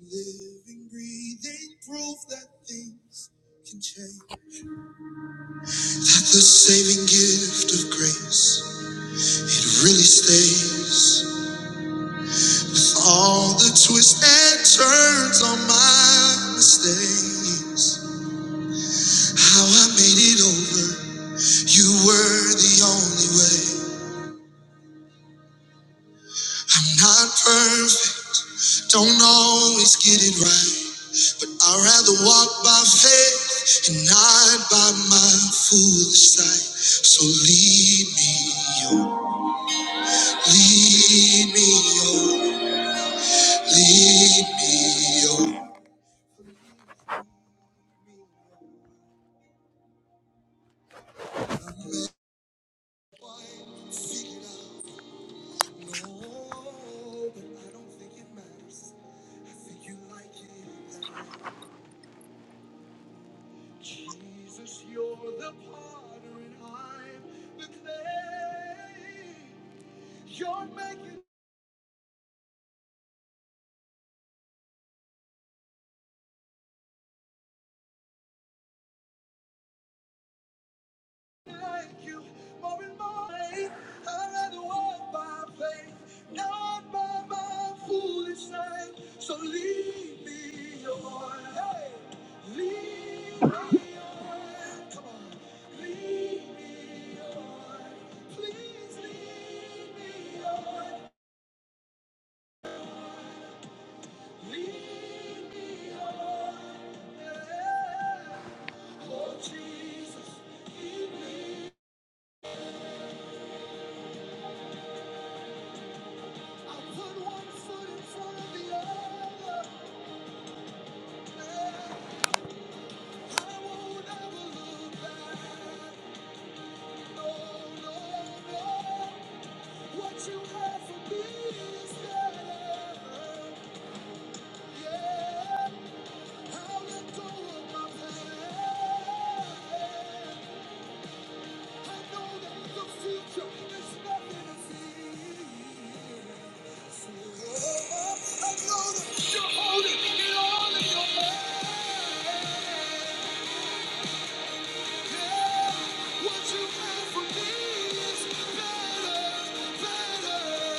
Living, breathing proof that things can change. That the saving gift of grace, it really stays. With all the twists and turns on my mistakes, how I made it over. You were the only way. I'm not perfect, don't always get it right, but I'd rather walk by faith and not by my foolish sight. So lead me, oh, lead me, oh, lead me, oh. No, but I don't think it matters. I think you like it. Jesus, you're the potter and I'm the clay. You're making like you more and more. I'd rather walk by faith, not by my foolish sight. So lead me on, hey, lead me on, lead me, please lead me on, lead me on, oh Jesus. I put one foot in front of the other. What you have for me is better, better.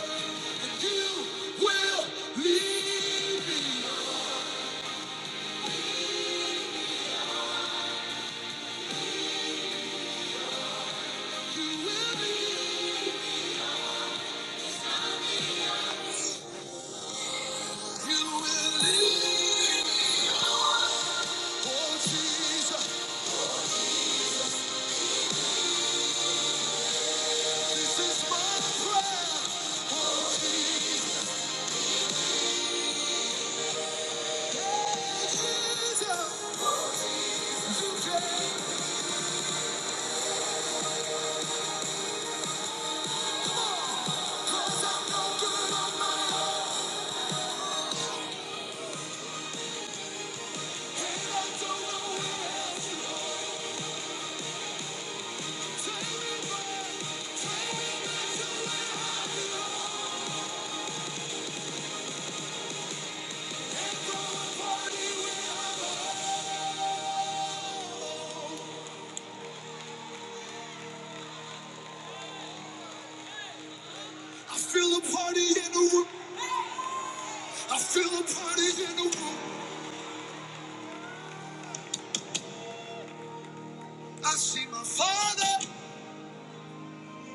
I feel a party in the room. I feel a party in the room. I see my father.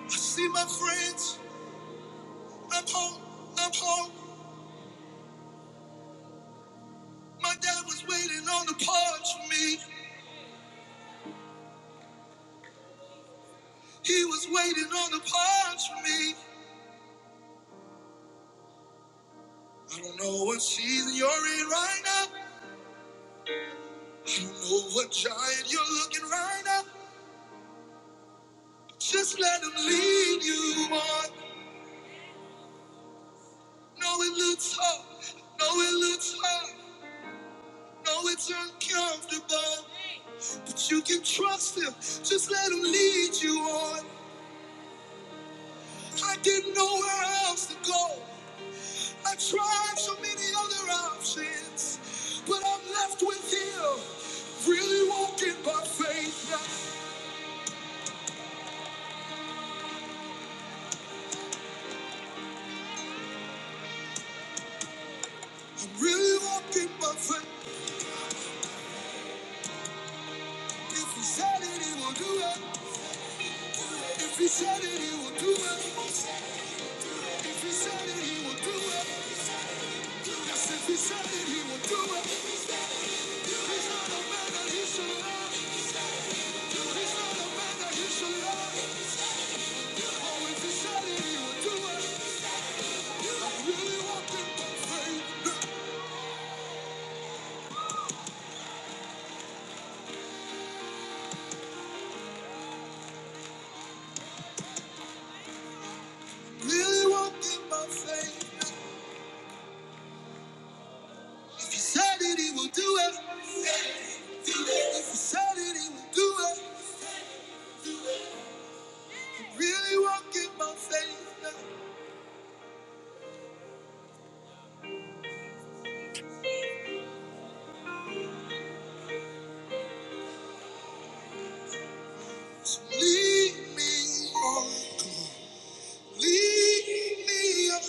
I see my friends. I'm home. I'm home. My dad was waiting on the porch for me. He was waiting on the porch for me. I don't know what season you're in right now. I don't know what giant you're looking right now. Just let him lead you on. No, it looks hard. No, it looks hard. No, it's uncomfortable. But you can trust him. Just let him lead you on. I didn't know where else to go. I tried so many other options, but I'm left with him. Really walking by faith now. I'm really walking by faith. If he said it, he will do it. If he said it, he will do it. If he said it, he will do it. Yes, if he said it, he will do it. He's not a man that he should love. He's not a man that he should love. Oh, if he said it, he will do it. I'm really walking by faith now. Really walking by faith. If he said it, he will do it. If he said it, he will do it. Really walk in my faith now. Lead me on. Lead me on.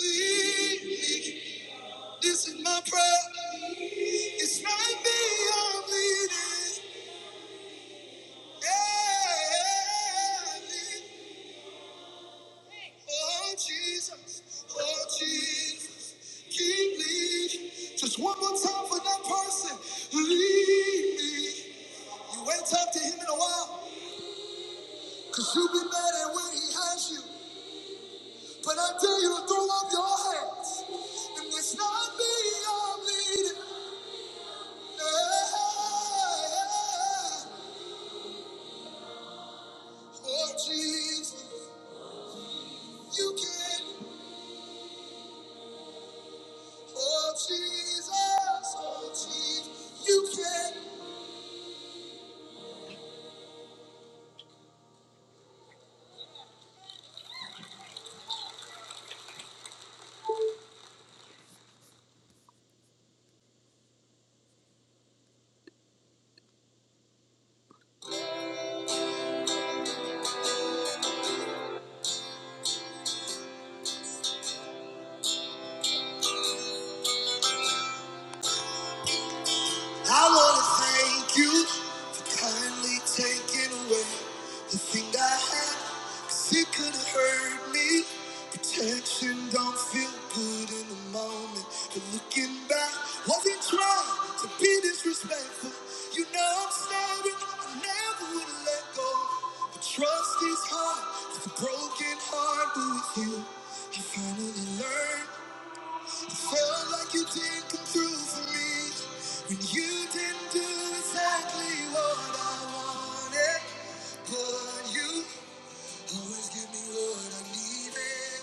Lead me. This is my prayer. It's right me I'm leading. Yeah. lead Oh Jesus, oh Jesus, keep me. Just one more time for that person. Lead me. You ain't talked to him in a while. Cause you be mad at when he has you. But I dare you to throw up your hands. And it's not me I'm leading. Yeah. Oh Jesus, you can. Oh Jesus, oh Jesus, you can. I want to thank you for kindly taking away the thing I had, 'cause it could have hurt me. Protection don't feel good in the moment. But looking back, wasn't trying to be disrespectful. You know I'm sorry, I never would have let go. But trust is hard, it's a broken heart, but with you, I finally learned. Felt like you didn't come through for me when you didn't do exactly what I wanted. But you always give me what I needed.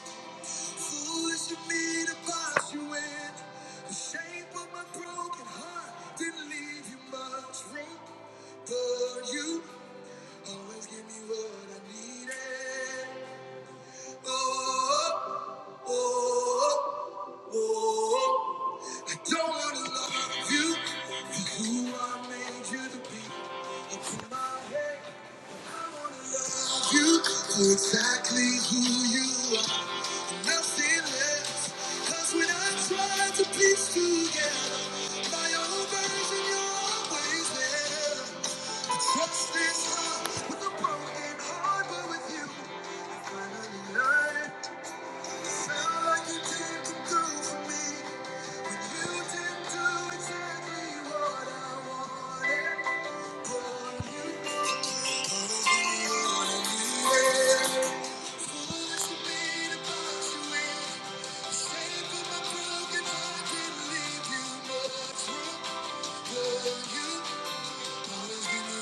Foolish of me to box you in. The shape of my broken heart didn't leave you much room. But you always give me what I needed. Oh, oh, oh, oh. oh, oh. I don't wanna love you for who I made you to be. Up in my head, you for exactly who you are, and nothing less. 'Cause when I try to piece together my own version, you're always there. What's this heart with a broken heart, but with you, I finally learned. like you do did exactly what I wanted you. Foolish me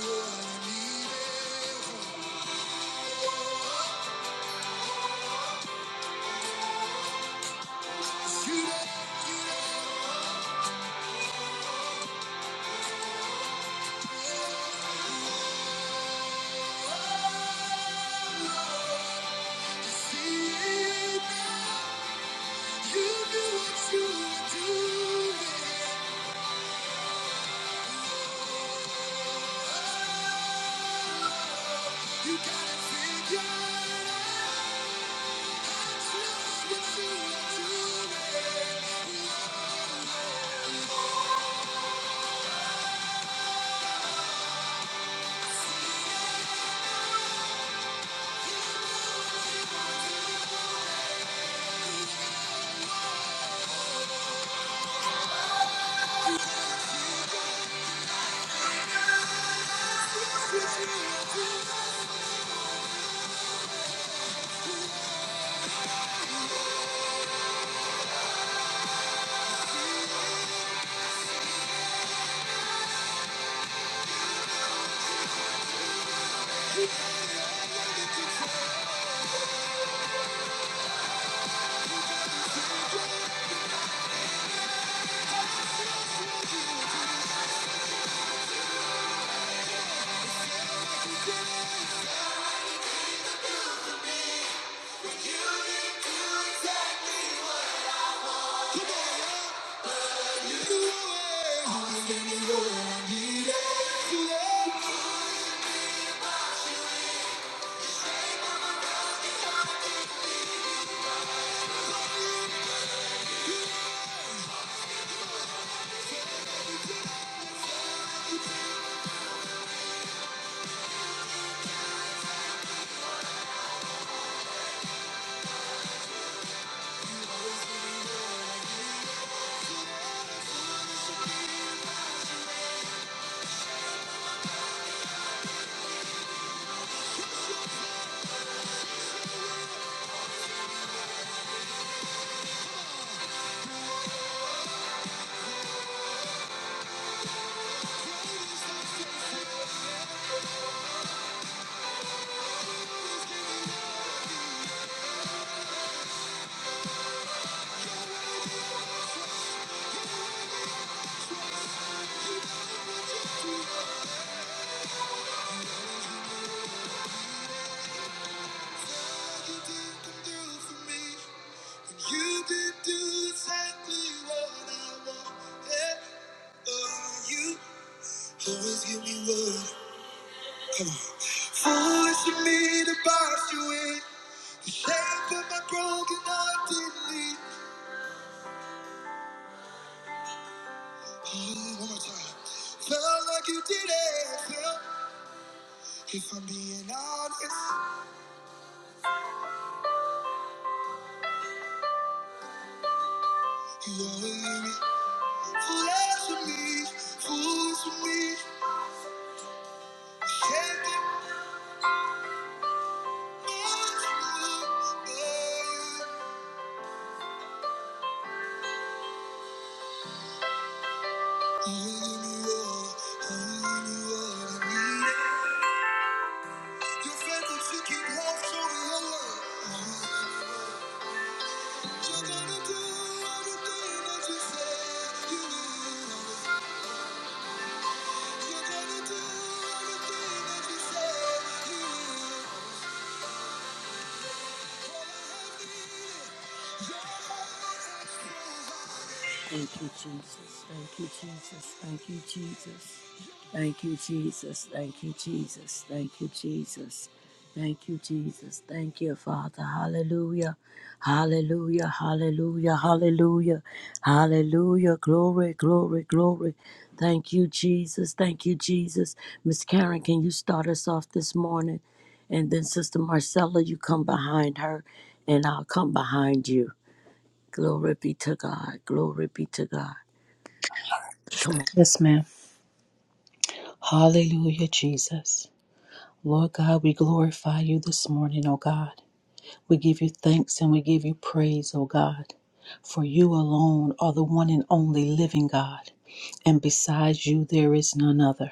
what I needed. You do you don't see it now. You knew what you were doing. You got it figured out. Just what you are doing. Just what you are doing. Come on, y'all. You did do exactly what I wanted. Oh, you always give me what. Foolish of me to box you in. The shape of my broken heart didn't leave. Oh, one more time. Felt like you did it. If I'm being honest, you only with me, forever for me, fool for me. Can't get more to you. You're with me, oh, you're with me, oh, I need You're faithful to keep love, show me your love. You do everything that you say you will. You're gonna do everything that you say you will. Wanna have me. Thank you, Jesus. Thank you, Jesus. Thank you, Jesus. Thank you, Jesus. Thank you, Jesus. Thank you, Jesus. Thank you, Jesus. Thank you, Father. Hallelujah. Hallelujah. Hallelujah. Hallelujah. Hallelujah. Glory, glory, glory. Thank you, Jesus. Thank you, Jesus. Miss Karen, can you start us off this morning? And then Sister Marcella, you come behind her, and I'll come behind you. Glory be to God. Glory be to God. Come on. Yes, ma'am. Hallelujah, Jesus. Lord God, we glorify you this morning, O God. We give you thanks and we give you praise, O God. For you alone are the one and only living God, and besides you there is none other.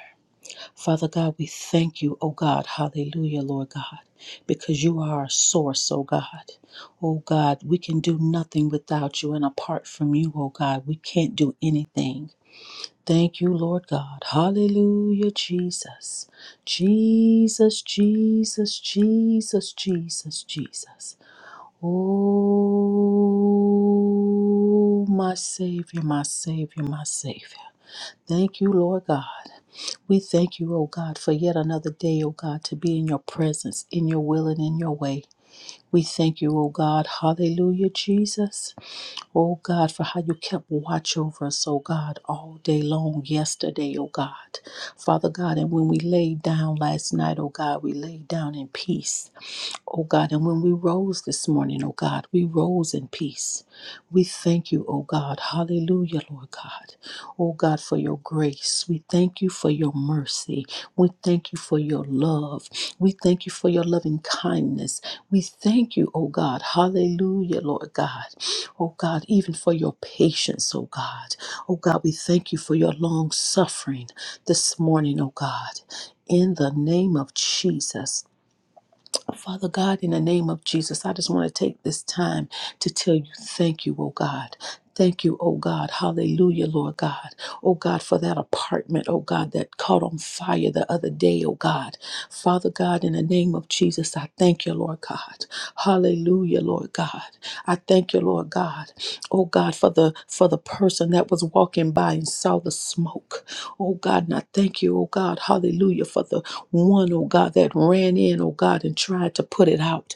Father God, we thank you, O God. Hallelujah, Lord God, because you are our source, O God. O God, we can do nothing without you, and apart from you, O God, we can't do anything. Thank you, Lord God. Hallelujah, Jesus. Jesus, Jesus, Jesus, Jesus, Jesus. Oh, my Savior, my Savior, my Savior. Thank you, Lord God. We thank you, O God, for yet another day, O God, to be in your presence, in your will, and in your way. We thank you, O God. Hallelujah, Jesus. Oh God, for how you kept watch over us, oh God, all day long yesterday, oh God. Father God, and when we laid down last night, oh God, we laid down in peace oh God. And when we rose this morning, oh God, we rose in peace. We thank you, oh God. Hallelujah, Lord God. Oh God, for your grace. We thank you for your mercy. We thank you for your love. We thank you for your loving kindness. We thank you, oh God. Hallelujah, Lord God. Oh God, even for your patience, oh God. Oh God, we thank you for your long suffering this morning, oh God. In the name of Jesus. Father God, in the name of Jesus, I just want to take this time to tell you thank you, oh God. Thank you, oh God. Hallelujah, Lord God. Oh God, for that apartment, oh God, that caught on fire the other day, oh God. Father God, in the name of Jesus, I thank you, Lord God. Hallelujah, Lord God. I thank you, Lord God. Oh God, for the for the person that was walking by and saw the smoke. Oh God, and I thank you, oh God. Hallelujah, for the one, oh God, that ran in, oh God, and tried to put it out.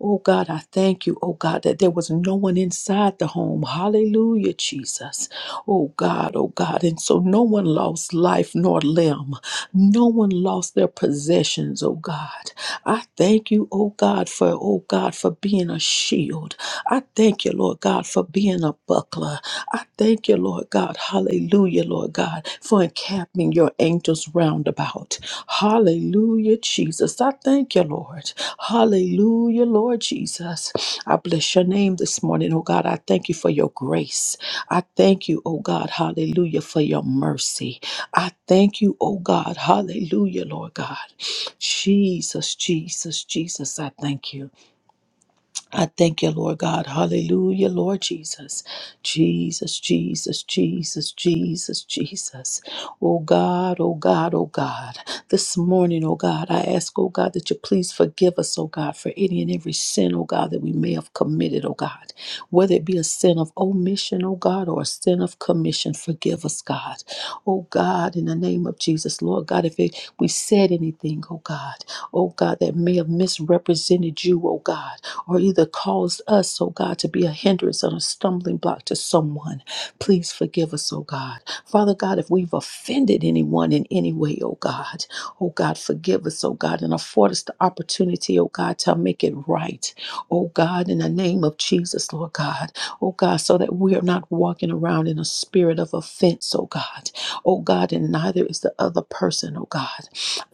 Oh God, I thank you, oh God, that there was no one inside the home. Hallelujah, Jesus. Oh God, oh God. And so no one lost life nor limb. No one lost their possessions, oh God. I thank you, oh God, for, oh God, for being a shield. I thank you, Lord God, for being a buckler. I thank you, Lord God. Hallelujah, Lord God, for encamping your angels round about. Hallelujah, Jesus. I thank you, Lord. Hallelujah, Lord Jesus. I bless your name this morning, oh God. I thank you for your grace. I thank you, oh God. Hallelujah, for your mercy. I thank you, oh God. Hallelujah, Lord God. Jesus, Jesus, Jesus, I thank you. I thank you, Lord God. Hallelujah, Lord Jesus. Jesus, Jesus, Jesus, Jesus, Jesus. Oh God, oh God, oh God. This morning, oh God, I ask, oh God, that you please forgive us, oh God, for any and every sin, oh God, that we may have committed, oh God. Whether it be a sin of omission, oh God, or a sin of commission, forgive us, God. Oh God, in the name of Jesus, Lord God, if it, we said anything, oh God, oh God, that may have misrepresented you, oh God or either caused us, oh God, to be a hindrance or a stumbling block to someone. Please forgive us, oh God. Father God, if we've offended anyone in any way, oh God, oh God, forgive us, oh God, and afford us the opportunity, oh God, to make it right, oh God, in the name of Jesus, Lord God, oh God, so that we are not walking around in a spirit of offense, oh God, oh God, and neither is the other person, oh God.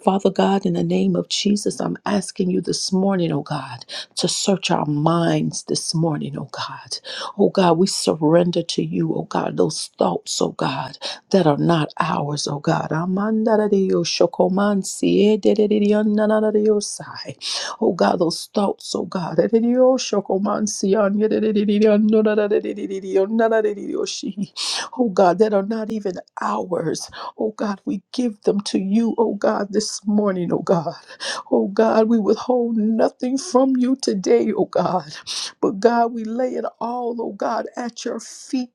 Father God, in the name of Jesus, I'm asking you this morning, oh God to search our minds this morning, oh God. Oh God, we surrender to you, oh God, those thoughts, oh God, that are not ours, oh God. Amandaradioshokomansiededededionanaradiosai. Oh God, those thoughts, oh God. Edidioshokomansianyededededionanaradidididionnanaradididoshi. Oh God, that are not even ours. Oh God, we give them to you, oh God, this morning, oh God. Oh God, we withhold nothing from you today, oh God. But God, we lay it all, oh God, at your feet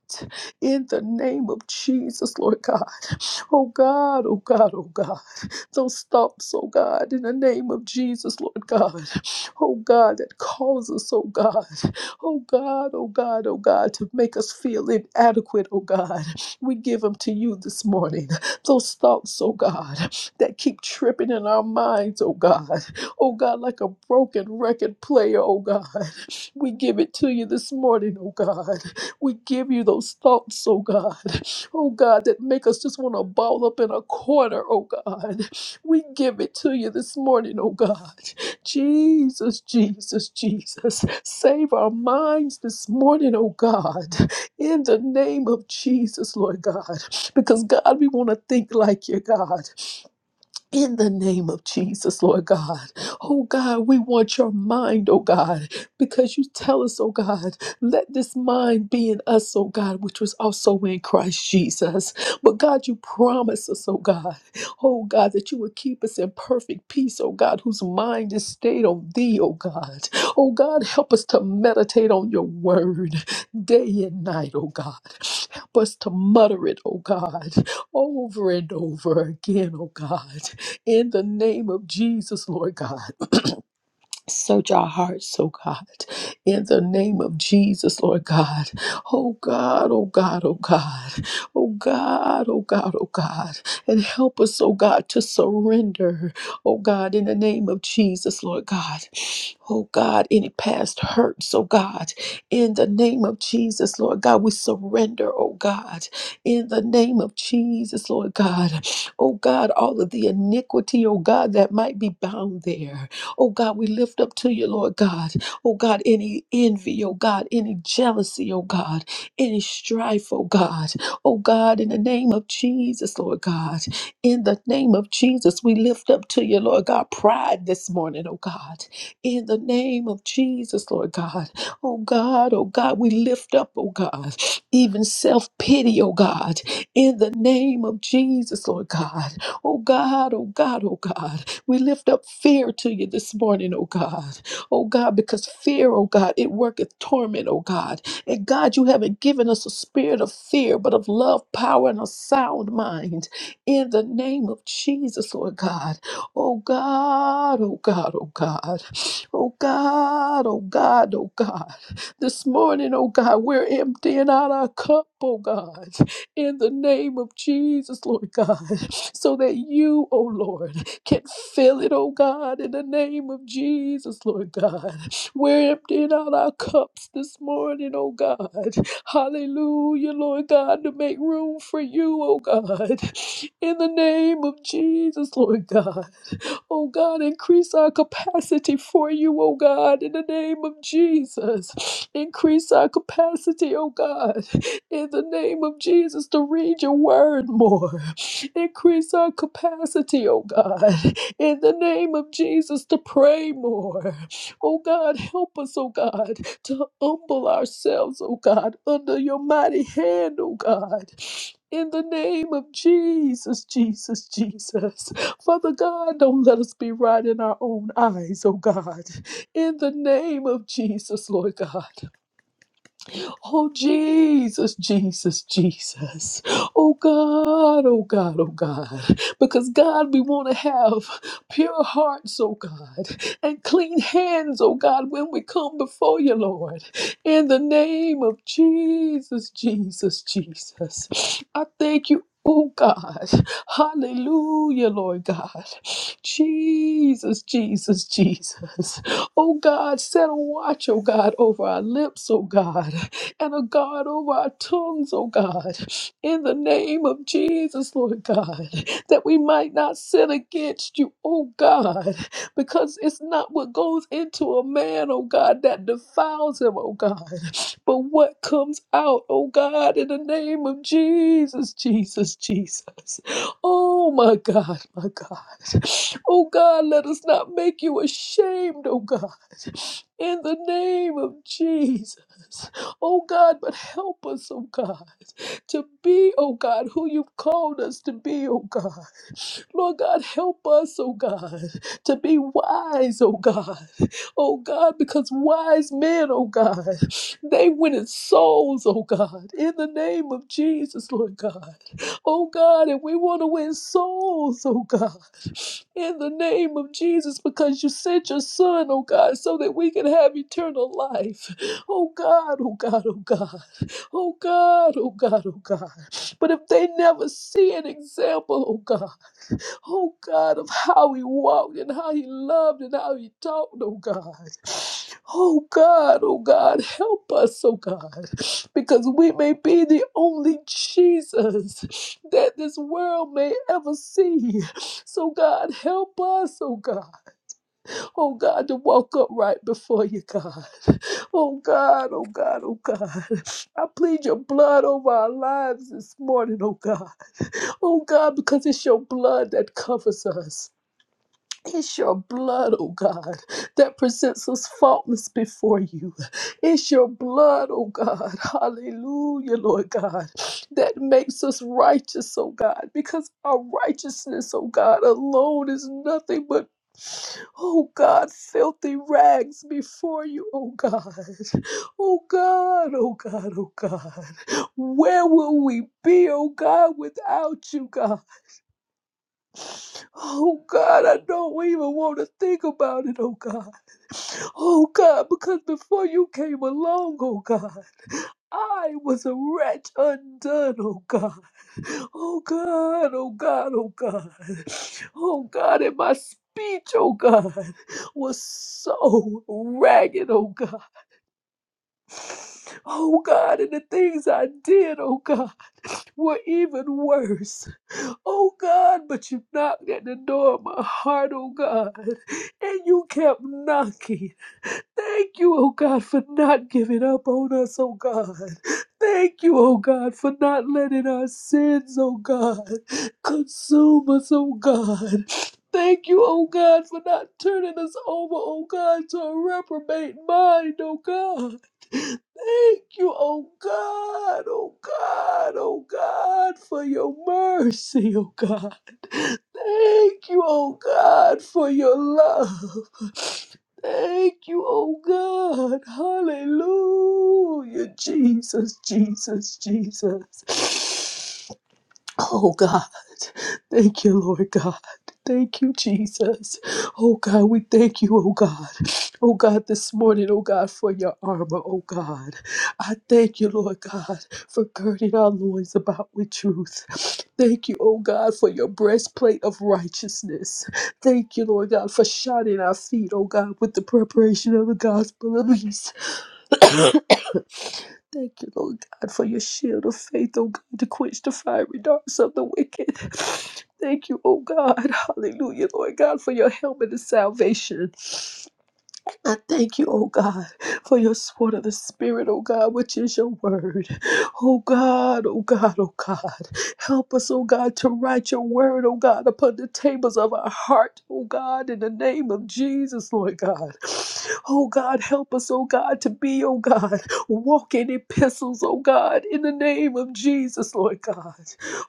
in the name of Jesus, Lord God. Oh God, oh God, oh God. Those thoughts, oh God, in the name of Jesus, Lord God. Oh God, that cause us, oh God. Oh God, oh God, oh God, to make us feel inadequate, oh God. We give them to you this morning. Those thoughts, oh God that keep tripping in our minds, oh God. Oh God, like a broken record player, oh God. We give it to you this morning, oh God. We give you those thoughts, oh God. Oh God, that make us just want to ball up in a corner, oh God. We give it to you this morning, oh God. Jesus, Jesus, Jesus. Save our minds this morning, oh God. In the name of Jesus, Lord God. Because God, we want to think like you, God in the name of Jesus, Lord God. Oh God, we want your mind, oh God, because you tell us, oh God, let this mind be in us, oh God, which was also in Christ Jesus. But God, you promise us, oh God, oh God, that you would keep us in perfect peace, oh God, whose mind is stayed on thee, oh God. Oh God, help us to meditate on your word day and night, oh God. Help us to mutter it, oh God, over and over again, oh God in the name of Jesus, Lord God. Search our hearts, oh God, in the name of Jesus, Lord God. Oh God, oh God, oh God, oh God, oh God, oh God. And help us, oh God, to surrender, oh God, in the name of Jesus, Lord God. Oh God, any past hurts, oh God, in the name of Jesus, Lord God, we surrender, oh God, in the name of Jesus, Lord God. Oh God, all of the iniquity, oh God, that might be bound there. Oh God, we lift up to you, Lord God. Oh God, any envy, oh God, any jealousy, oh God, any strife, oh God. Oh God, in the name of Jesus, Lord God. In the name of Jesus, we lift up to you, Lord God, pride this morning, oh God. In the name of Jesus, Lord God. Oh God, oh God, we lift up, oh God, even self pity, oh God. In the name of Jesus, Lord God. Oh God, oh God, oh God. We lift up fear to you this morning, oh God. Oh God, because fear, oh God, it worketh torment, oh God. And God, you haven't given us a spirit of fear, but of love, power, and a sound mind. In the name of Jesus, Lord God. Oh God, oh God, oh God. Oh God, oh God, oh God. This morning, oh God, we're emptying out our cup, oh God. In the name of Jesus, Lord God. So that you, oh Lord, can fill it, oh God, in the name of Jesus, Lord God. We're emptying out our cups this morning, oh God. Hallelujah, Lord God, to make room for you, oh God. In the name of Jesus, Lord God. Oh God, increase our capacity for you, oh God, in the name of Jesus. Increase our capacity, oh God, in the name of Jesus to read your word more. Increase our capacity, oh God, in the name of Jesus to pray more. Oh God, help us, oh God, to humble ourselves, oh God, under your mighty hand, oh God. In the name of Jesus, Jesus, Jesus. Father God, don't let us be right in our own eyes, oh God. In the name of Jesus, Lord God. Oh, Jesus, Jesus, Jesus. Oh, God, oh, God, oh, God. Because, God, we want to have pure hearts, oh, God, and clean hands, oh, God, when we come before you, Lord. In the name of Jesus, Jesus, Jesus. I thank you. Oh God, hallelujah, Lord God. Jesus, Jesus, Jesus. Oh God, set a watch, oh God, over our lips, oh God and a God over our tongues, oh God, in the name of Jesus, Lord God, that we might not sin against you, oh God, because it's not what goes into a man, oh God, that defiles him, oh God, but what comes out, oh God, in the name of Jesus, Jesus, Jesus. Oh my God, my God. Oh God, let us not make you ashamed, oh God, in the name of Jesus oh God, but help us, oh God, to be, oh God, who you've called us to be, oh God. Lord God, help us, oh God, to be wise, oh God, oh God, because wise men, oh God, they win its souls, oh God, in the name of Jesus, Lord God, oh God, and we want to win souls, oh God, in the name of Jesus, because you sent your son, oh God, so that we can have eternal life. Oh God, oh God, oh God. Oh God, oh God, oh God. But if they never see an example, oh God, oh God, of how he walked and how he loved and how he talked, oh God. Oh God, oh God, help us, oh God, because we may be the only Jesus that this world may ever see. So God, help us, oh God, oh God, to walk upright before you, God. Oh God, oh God, oh God. I plead your blood over our lives this morning, oh God. Oh God, because it's your blood that covers us. It's your blood, oh God, that presents us faultless before you. It's your blood, oh God, hallelujah, Lord God, that makes us righteous, oh God, because our righteousness, oh God, alone is nothing but, oh God, filthy rags before you, oh God. Oh God, oh God, oh God. Where will we be, oh God, without you, God? Oh God, I don't even want to think about it, oh God. Oh God, because before you came along, oh God, I was a wretch undone, oh God. Oh God, oh God, oh God. Oh God, and my speech, oh God, was so ragged, oh God. Oh God, and the things I did, oh God, were even worse. Oh God, but you knocked at the door of my heart, oh God, and you kept knocking. Thank you, oh God, for not giving up on us, oh God. Thank you, oh God, for not letting our sins, oh God, consume us, oh God. Thank you, oh God, for not turning us over, oh God, to a reprobate mind, oh God. Thank you, oh God, oh God, oh God, for your mercy, oh God. Thank you, oh God, for your love. Thank you, oh God. Hallelujah. Jesus, Jesus, Jesus. Oh God, thank you, Lord God. Thank you, Jesus. Oh God, we thank you, oh God. Oh God, this morning, oh God, for your armor, oh God. I thank you, Lord God, for girding our loins about with truth. Thank you, oh God, for your breastplate of righteousness. Thank you, Lord God, for shining our feet, oh God, with the preparation of the gospel of peace. Thank you, Lord God, for your shield of faith, oh God, to quench the fiery darts of the wicked. Thank you, oh God. Hallelujah, Lord God, for your helmet of salvation. I thank you, oh God, for your sword of the Spirit, oh God, which is your word. Oh God, oh God, oh God. Help us, oh God, to write your word, oh God, upon the tables of our heart, oh God, in the name of Jesus, Lord God. Oh God, help us, oh God, to be, oh God, walking epistles, oh God, in the name of Jesus, Lord God.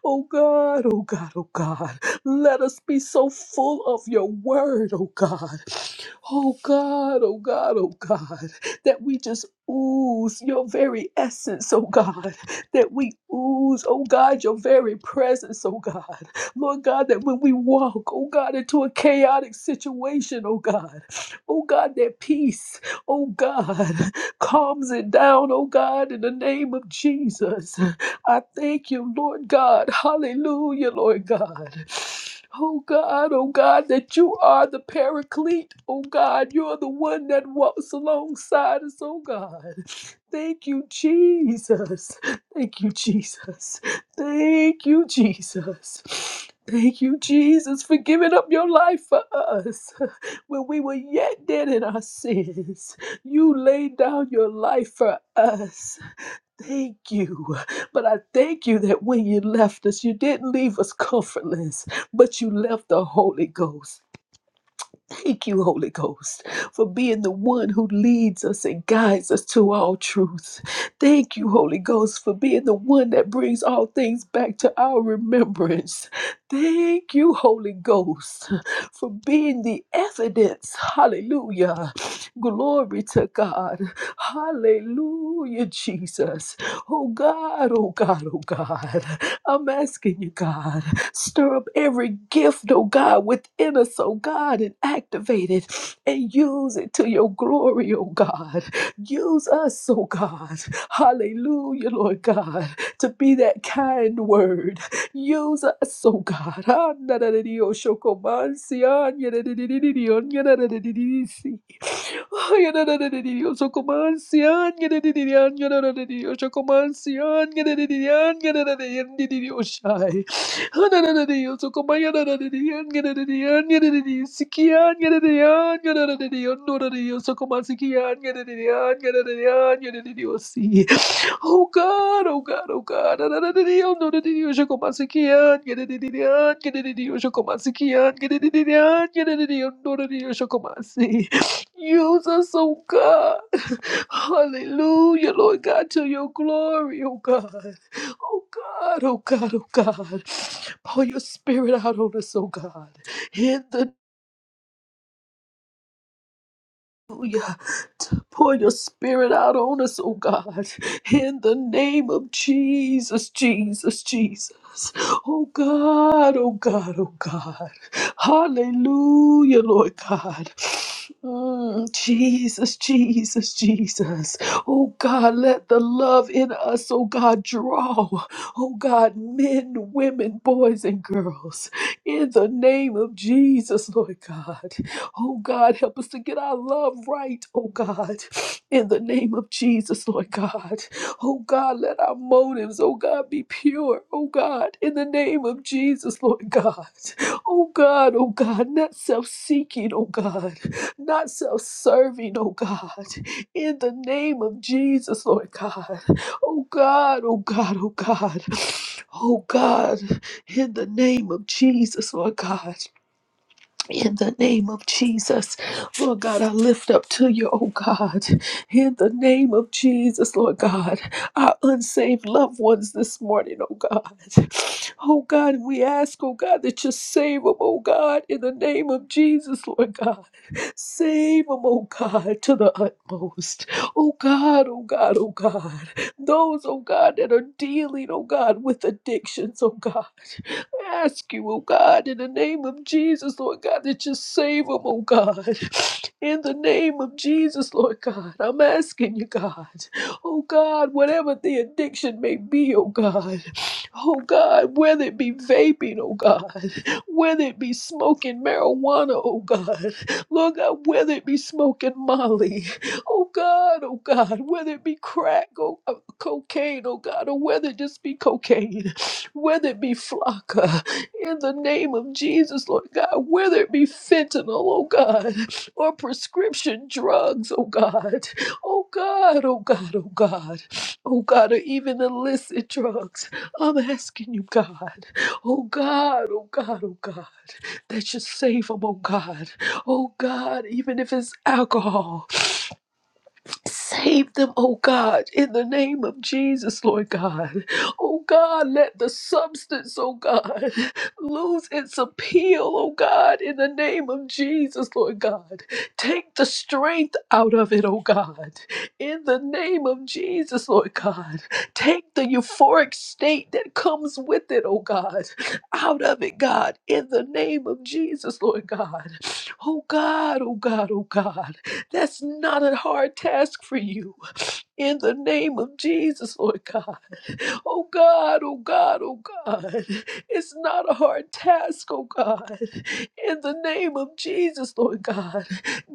Oh God, oh God, oh God. Let us be so full of your word, oh God. Oh God, oh God, oh God, that we just ooze your very essence, oh God, that we ooze, oh God, your very presence, oh God. Lord God, that when we walk, oh God, into a chaotic situation, oh God, oh God, that peace, oh God, calms it down, oh God, in the name of Jesus. I thank you, Lord God. Hallelujah, Lord God. Oh God, oh God, that you are the paraclete. Oh God, you are the one that walks alongside us, oh God. Thank you, Jesus. Thank you, Jesus. Thank you, Jesus. Thank you, Jesus, for giving up your life for us. When we were yet dead in our sins, you laid down your life for us. Thank you. But I thank you that when you left us, you didn't leave us comfortless, but you left the Holy Ghost. Thank you, Holy Ghost, for being the one who leads us and guides us to all truth. Thank you, Holy Ghost, for being the one that brings all things back to our remembrance. Thank you, Holy Ghost, for being the evidence. Hallelujah. Glory to God. Hallelujah, Jesus. Oh God, oh God, oh God. I'm asking you, God. Stir up every gift, oh God, within us, oh God, and activate it and use it to your glory, oh God. Use us, oh God. Hallelujah, Lord God, to be that kind word. Use us, oh God. Ah, oh, si, ah, oh, si. Yo como anciano, yo como anciano, yo shai. Yo como sikian, yo como sikian, yo si. Oh God, oh God, oh God, yo como sikian, Oh, como sikian, yo como si. Use us, oh God. Hallelujah, Lord God, to your glory, oh God. Oh God, oh God, oh God. Pour your spirit out on us, oh God. In the Hallelujah. To pour your spirit out on us, oh God. In the name of Jesus, Jesus, Jesus. Oh God, oh God, oh God. Hallelujah, Lord God. Mm, Jesus, Jesus, Jesus. Oh God, let the love in us, oh God, draw. Oh God, men, women, boys, and girls. In the name of Jesus, Lord God. Oh God, help us to get our love right, oh God, in the name of Jesus, Lord God. Oh God, let our motives, oh God, be pure, oh God, in the name of Jesus, Lord God. Oh God, oh God, not self seeking, oh God, not self serving, oh God, in the name of Jesus, Lord God. Oh God, oh God, oh God. Oh God, in the name of Jesus, Lord God. In the name of Jesus, Lord God, I lift up to you, oh God. In the name of Jesus, Lord God, our unsaved loved ones this morning, oh God. Oh God, we ask, oh God, that you save them, oh God, in the name of Jesus, Lord God. Save them, oh God, to the utmost. Oh God, oh God, oh God. Those, oh God, that are dealing, oh God, with addictions, oh God. I ask you, oh God, in the name of Jesus, Lord God, that you save them, oh God. In the name of Jesus, Lord God, I'm asking you, God, oh God, whatever the addiction may be, oh God, oh God, whether it be vaping, oh God, whether it be smoking marijuana, oh God, Lord God, whether it be smoking molly, oh God, oh God, whether it be crack, oh, uh, cocaine, oh God, or whether it just be cocaine whether it be Flocka, in the name of Jesus, Lord God, whether it be fentanyl, oh God, or prescription drugs, oh God, oh God, oh God, oh God, oh God, or even illicit drugs. I'm asking you, God, oh God, oh God, oh God, that you save them, oh God, oh God, even if it's alcohol, Save them, oh God, in the name of Jesus, Lord God. Oh God, let the substance, oh God, lose its appeal, oh God, in the name of Jesus, Lord God. Take the strength out of it, oh God, in the name of Jesus, Lord God. Take the euphoric state that comes with it, oh God, out of it, God, in the name of Jesus, Lord God. Oh God, oh God, oh God. That's not a hard task for you. In the name of Jesus, Lord God. Oh God, oh God, oh God. It's not a hard task, oh God. In the name of Jesus, Lord God.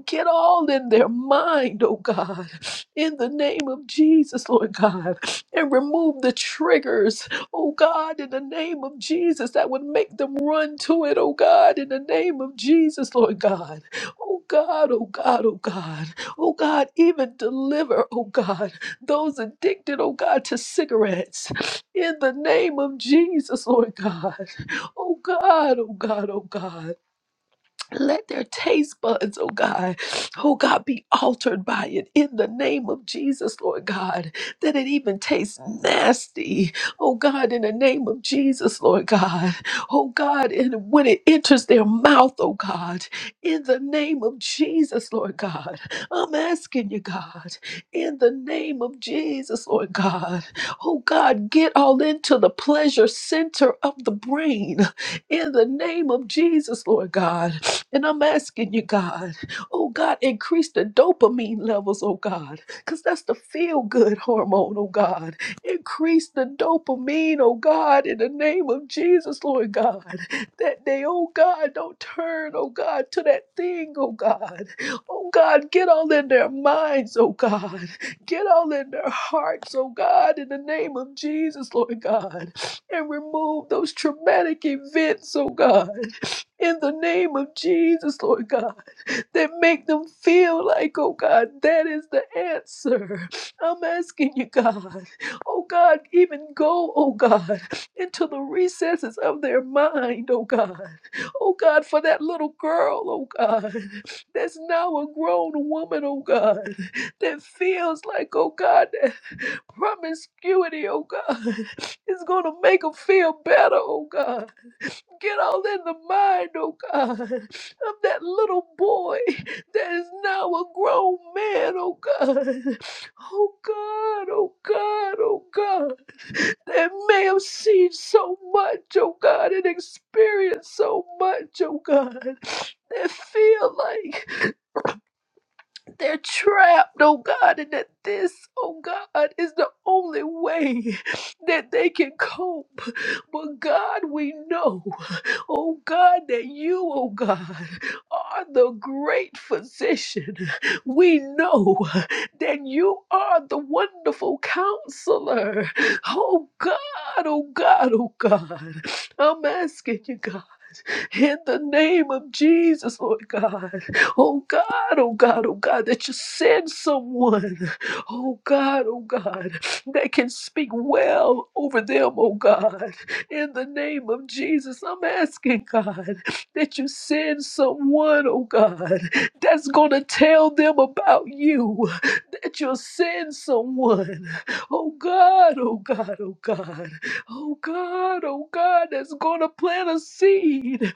Get all in their mind, oh God, in the name of Jesus, Lord God, and remove the triggers, oh God, in the name of Jesus, that would make them run to it, oh God, in the name of Jesus, Lord God. Oh God, oh God, oh God, oh God, even deliver, oh God, those addicted, oh God, to cigarettes, in the name of Jesus, Lord God. Oh God, oh God, oh God. Let their taste buds, oh God, oh God, be altered by it in the name of Jesus, Lord God, that it even tastes nasty, oh God, in the name of Jesus, Lord God, oh God, and when it enters their mouth, oh God, in the name of Jesus, Lord God, I'm asking you, God, in the name of Jesus, Lord God, oh God, get all into the pleasure center of the brain, in the name of Jesus, Lord God. And I'm asking you, God, oh God, increase the dopamine levels, oh God, because that's the feel good hormone, oh God. Increase the dopamine, oh God, in the name of Jesus, Lord God. That they, oh God, don't turn, oh God, to that thing, oh God. Oh God, get all in their minds, oh God. Get all in their hearts, oh God, in the name of Jesus, Lord God. And remove those traumatic events, oh God in the name of Jesus, Lord God, that make them feel like, oh God, that is the answer. I'm asking you, God, oh God, even go, oh God, into the recesses of their mind, oh God, oh God, for that little girl, oh God, that's now a grown woman, oh God, that feels like, oh God, that promiscuity, oh God, is going to make them feel better, oh God. Get all in the mind, oh God, of that little boy that is now a grown man, oh God. Oh God, oh God, oh God. That may have seen so much, oh God, and experienced so much, oh God. That feel like they're trapped, oh God, and that this, oh God, is the only way that they can cope. But God, we know. Oh God, that you, oh God, are the great physician. We know that you are the wonderful counselor. Oh God, oh God, oh God. I'm asking you, God in the name of Jesus, Lord God. Oh God, oh God, oh God, that you send someone, oh God, oh God, that can speak well over them, oh God. In the name of Jesus, I'm asking God that you send someone, oh God, that's going to tell them about you, that you'll send someone, oh God, oh God, oh God. Oh God, oh God, that's going to plant a seed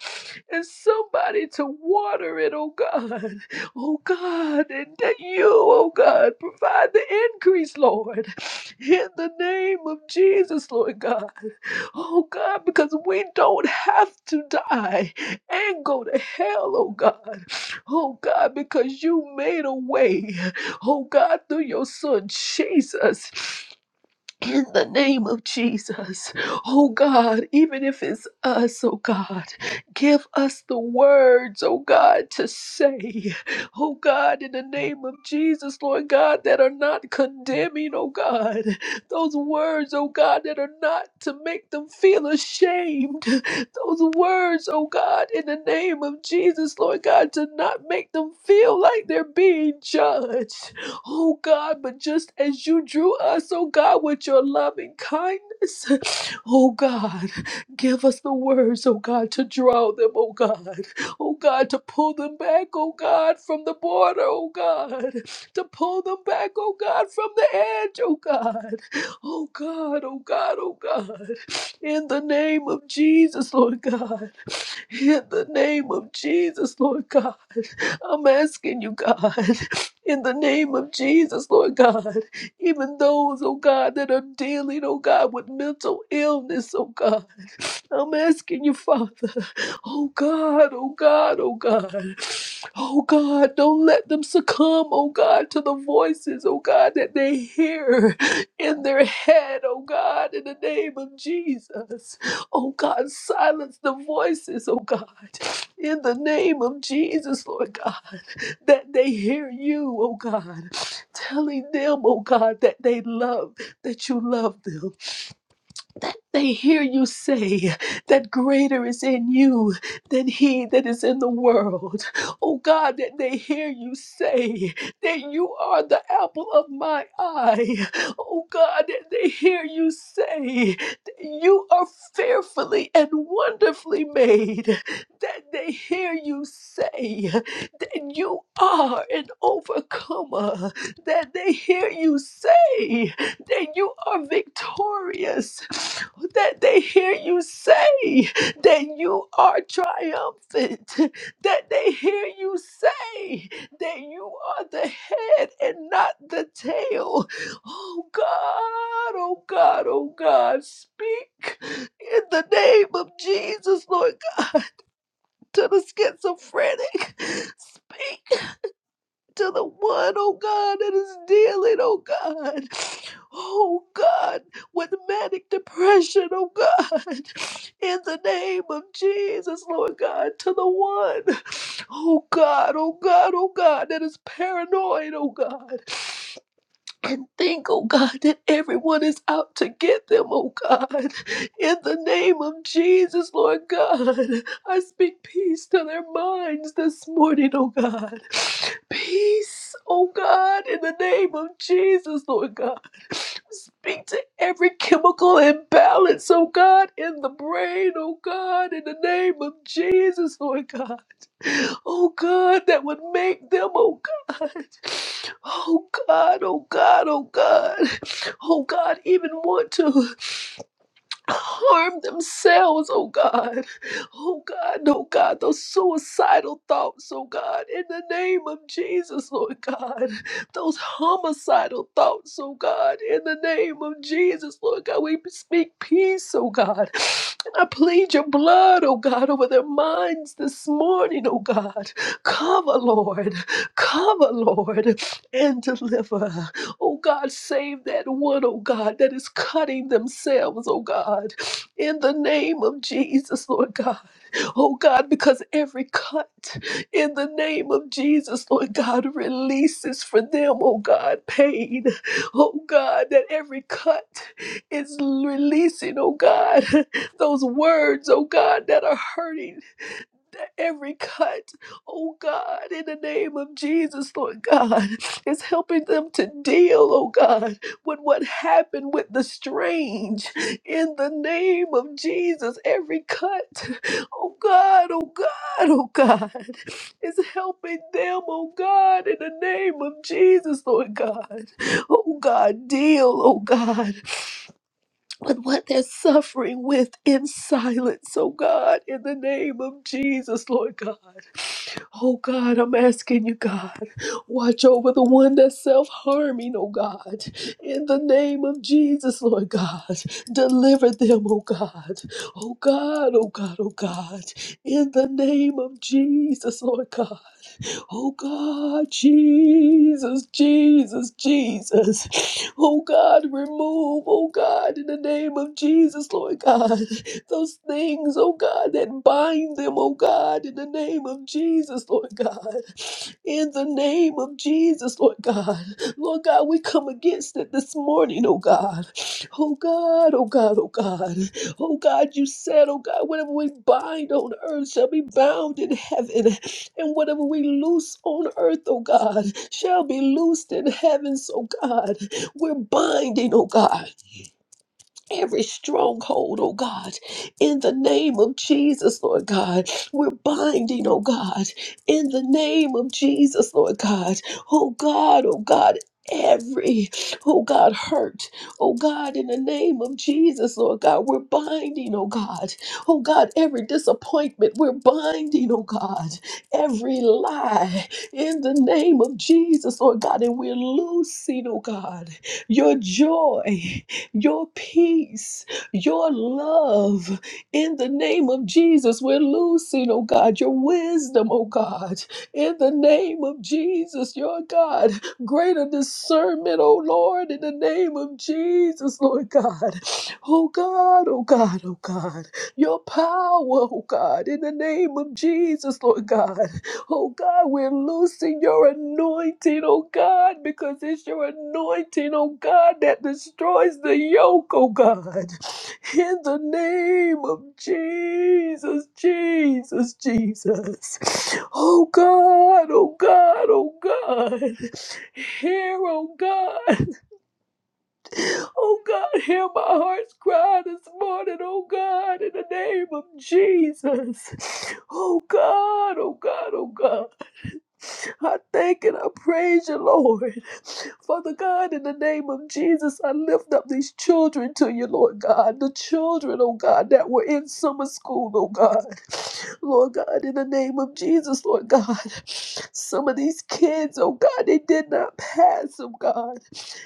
and somebody to water it, oh God. Oh God, and that you, oh God, provide the increase, Lord, in the name of Jesus, Lord God. Oh God, because we don't have to die and go to hell, oh God. Oh God, because you made a way, oh God, through your son Jesus in the name of Jesus. Oh God, even if it's us, oh God, give us the words, oh God, to say, oh God, in the name of Jesus, Lord God, that are not condemning, oh God, those words, oh God, that are not to make them feel ashamed, those words, oh God, in the name of Jesus, Lord God, to not make them feel like they're being judged. Oh God, but just as you drew us, oh God, with your loving kindness, oh God, give us the words, oh God, to draw them, oh God, oh God, to pull them back, oh God, from the border, oh God, to pull them back, oh God, from the edge, oh God, oh God, oh God, oh God, in the name of Jesus, Lord God, in the name of Jesus, Lord God. I'm asking you, God, in the name of Jesus, Lord God, even those, oh God, that are dealing, oh God, with mental illness, oh God, I'm asking you, Father, oh God, oh God, oh God. Oh God, don't let them succumb, oh God, to the voices, oh God, that they hear in their head, oh God, in the name of Jesus. Oh God, silence the voices, oh God, in the name of Jesus, Lord God, that they hear you, oh God, telling them, oh God, that they love, that you love them that they hear you say that greater is in you than he that is in the world. Oh God, that they hear you say that you are the apple of my eye. Oh God, that they hear you say that you are fearfully and wonderfully made. That they hear you say that you are an overcomer. That they hear you say that you are victorious, that they hear you say that you are triumphant, that they hear you say that you are the head and not the tail. Oh God, oh God, oh God, speak in the name of Jesus, Lord God, to the schizophrenic. Speak to the one, oh God, that is dealing, oh God, oh God, with manic depression, oh God, in the name of Jesus, Lord God, to the one, oh God, oh God, oh God, that is paranoid, oh God, and think, oh God, that everyone is out to get them, oh God, in the name of Jesus, Lord God, I speak peace to their minds this morning, oh God. Peace, oh God, in the name of Jesus, Lord God. Speak to every chemical imbalance, oh God, in the brain, oh God, in the name of Jesus, Lord God. Oh God, that would make them, oh God. Oh God, oh God, oh God. Oh God, even want to harm themselves, oh God. Oh God, oh God, those suicidal thoughts, oh God, in the name of Jesus, Lord God. Those homicidal thoughts, oh God, in the name of Jesus, Lord God. We speak peace, oh God. And I plead your blood, oh God, over their minds this morning, oh God. Cover, Lord. Cover, Lord, and deliver. Oh God, save that one, oh God, that is cutting themselves, oh God, in the name of Jesus, Lord God. Oh God, because every cut in the name of Jesus, Lord God, releases for them, oh God, pain. Oh God, that every cut is releasing, oh God, those words, oh God, that are hurting every cut, oh God, in the name of Jesus, Lord God, is helping them to deal, oh God, with what happened with the strange. In the name of Jesus, every cut, oh God, oh God, oh God, is helping them, oh God, in the name of Jesus, Lord God. Oh God, deal, oh God with what they're suffering with in silence, oh God, in the name of Jesus, Lord God. Oh God, I'm asking you, God, watch over the one that's self harming, oh God, in the name of Jesus, Lord God. Deliver them, oh God, oh God, oh God, oh God, in the name of Jesus, Lord God. Oh God, Jesus, Jesus, Jesus. Oh God, remove, oh God, in the name of Jesus, Lord God, those things, oh God, that bind them, oh God, in the name of Jesus, Lord God. In the name of Jesus, Lord God. Lord God, we come against it this morning, oh God. Oh God, oh God, oh God. Oh God, you said, oh God, whatever we bind on earth shall be bound in heaven. And whatever we loose on earth, oh God, shall be loosed in heaven. So, God, we're binding, oh God every stronghold, oh God, in the name of Jesus, Lord God. We're binding, oh God, in the name of Jesus, Lord God. Oh God, oh God. Every, oh God, hurt, oh God, in the name of Jesus, Lord God, we're binding, oh God, oh God, every disappointment, we're binding, oh God, every lie, in the name of Jesus, Lord God, and we're loosing, oh God, your joy, your peace, your love in the name of Jesus. We're losing, oh God, your wisdom, oh God, in the name of Jesus, your God, greater discernment, oh Lord, in the name of Jesus, Lord God. Oh God, oh God, oh God, your power, oh God, in the name of Jesus, Lord God. Oh God, we're loosing your anointing, oh God, because it's your anointing, oh God, that destroys the yoke, oh God. In the name of Jesus, Jesus, Jesus. Oh God, oh God, oh God. Hear, oh God. Oh God, hear my heart's cry this morning, oh God, in the name of Jesus. Oh God, oh God, oh God. I thank and I praise you, Lord. Father God, in the name of Jesus, I lift up these children to you, Lord God. The children, oh God, that were in summer school, oh God. Lord God, in the name of Jesus, Lord God. Some of these kids, oh God, they did not pass, oh God.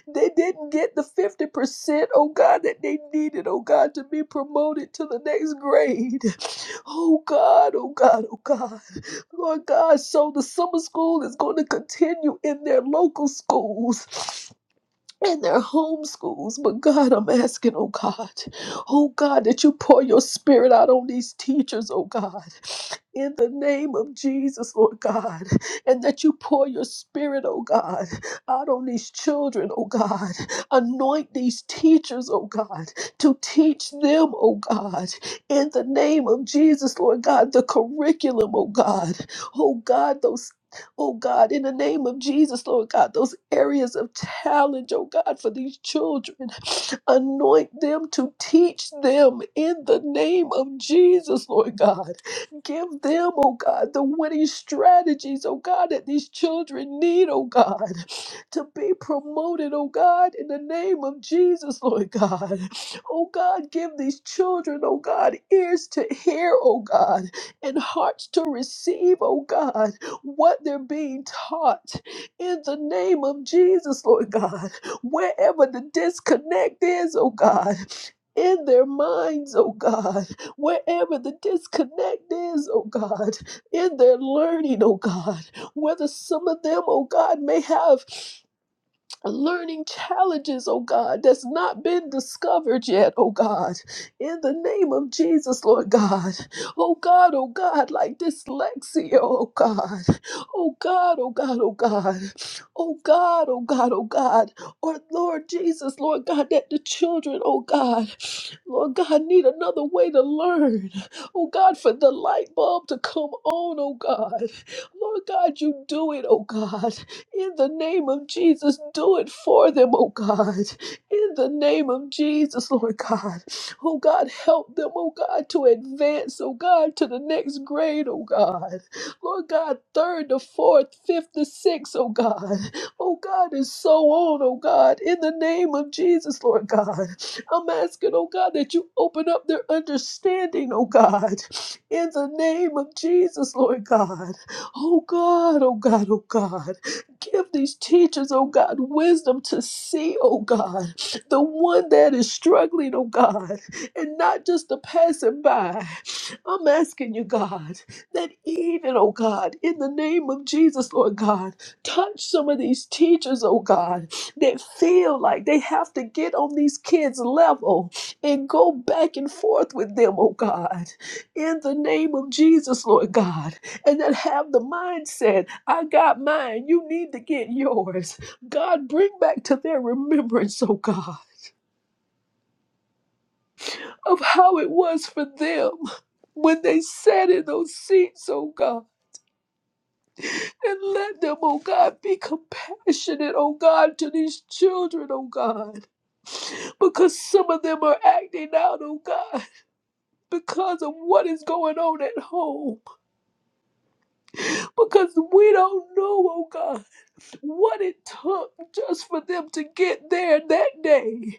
They didn't get the 50%, oh God, that they needed, oh God, to be promoted to the next grade. Oh God, oh God, oh God. Lord God, so the summer school is going to continue in their local schools. In their home schools, but God, I'm asking, oh God, oh God, that you pour your spirit out on these teachers, oh God in the name of Jesus, Lord God, and that you pour your spirit, oh God, out on these children, oh God. Anoint these teachers, oh God, to teach them, oh God, in the name of Jesus, Lord God, the curriculum, oh God, oh God, those. Oh God, in the name of Jesus, Lord God, those areas of challenge, oh God, for these children, anoint them to teach them in the name of Jesus, Lord God. Give them, oh God, the winning strategies, oh God, that these children need, oh God to be promoted, oh God, in the name of Jesus, Lord God. Oh God, give these children, oh God, ears to hear, oh God, and hearts to receive, oh God, what they're being taught in the name of Jesus, Lord God. Wherever the disconnect is, oh God. In their minds, oh God, wherever the disconnect is, oh God, in their learning, oh God, whether some of them, oh God, may have learning challenges, oh God, that's not been discovered yet, oh God. In the name of Jesus, Lord God. Oh God, oh God, like dyslexia, oh God. Oh God, oh God, oh God. Oh God, oh God, oh God. Or Lord Jesus, Lord God, that the children, oh God, Lord God, need another way to learn. Oh God, for the light bulb to come on, oh God. Lord God, you do it, oh God. In the name of Jesus, do it for them, oh God. In the name of Jesus, Lord God. Oh God, help them, oh God, to advance, oh God, to the next grade, oh God. Lord God, third to fourth, fifth to sixth, oh God. Oh God, and so on, oh God. In the name of Jesus, Lord God. I'm asking, oh God, that you open up their understanding, oh God. In the name of Jesus, Lord God. Oh God, oh God, oh God. Give these teachers, oh God, wisdom to see, oh God, the one that is struggling, oh God, and not just the passing by. I'm asking you, God, that even, oh God, in the name of Jesus, Lord God, touch some of these teachers, oh God, that feel like they have to get on these kids' level and go back and forth with them, oh God. In the name of Jesus, Lord God and then have the mindset I got mine, you need to get yours. God, bring back to their remembrance, oh God, of how it was for them when they sat in those seats, oh God. And let them, oh God, be compassionate, oh God, to these children, oh God. Because some of them are acting out, oh God, because of what is going on at home. Because we don't know, oh God what it took just for them to get there that day.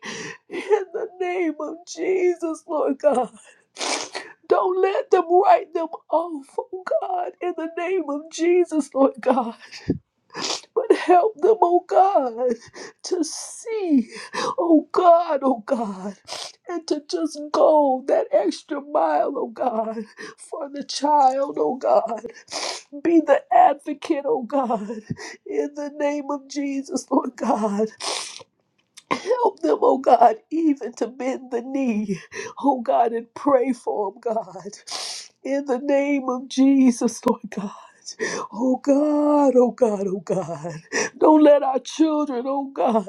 In the name of Jesus, Lord God. Don't let them write them off, oh God, in the name of Jesus, Lord God. But help them, oh God, to see, oh God, oh God, and to just go that extra mile, oh God, for the child, oh God. Be the advocate, oh God, in the name of Jesus, Lord God. Help them, oh God, even to bend the knee, oh God, and pray for them, God. In the name of Jesus, Lord God. Oh God, oh God, oh God. Don't let our children, oh God,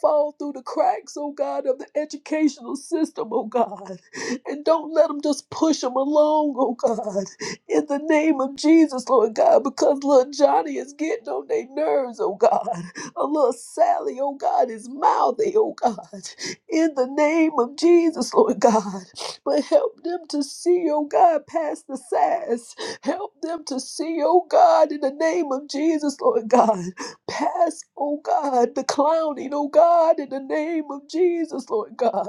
fall through the cracks, oh God, of the educational system, oh God. And don't let them just push them along, oh God. In the name of Jesus, Lord God, because little Johnny is getting on their nerves, oh God. A little Sally, oh God, is mouthy, oh God, in the name of Jesus, Lord God. But help them to see, oh God, past the sass. Help them to see, oh God, in the name of Jesus, Lord God, past, oh God, the clowning, oh God, in the name of Jesus, Lord God.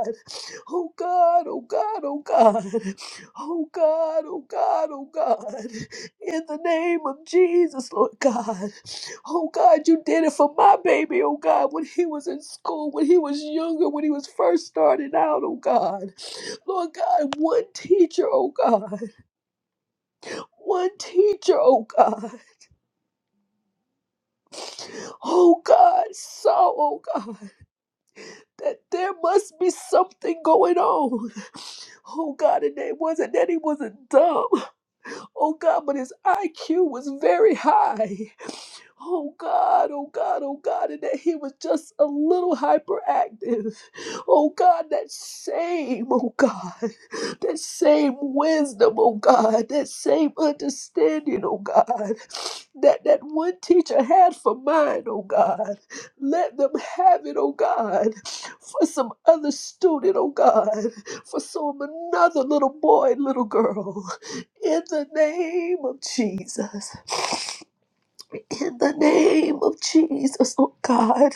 Oh God, oh God, oh God, oh God, oh God, oh God, in the name of Jesus, Lord God. Oh God, you did it for my baby, oh God, when he was in school, when he was younger, when he was first starting out, oh God. Lord God, one teacher, oh God, one teacher, oh God. Oh God, saw, oh God, that there must be something going on. Oh God, and it wasn't that he wasn't dumb, oh God, but his IQ was very high. Oh God, oh God, oh God, and that he was just a little hyperactive. Oh God, that same, oh God, that same wisdom, oh God, that same understanding, oh God, that that one teacher had for mine, oh God. Let them have it, oh God, for some other student, oh God, for some another little boy, little girl, in the name of Jesus in the name of Jesus, oh God.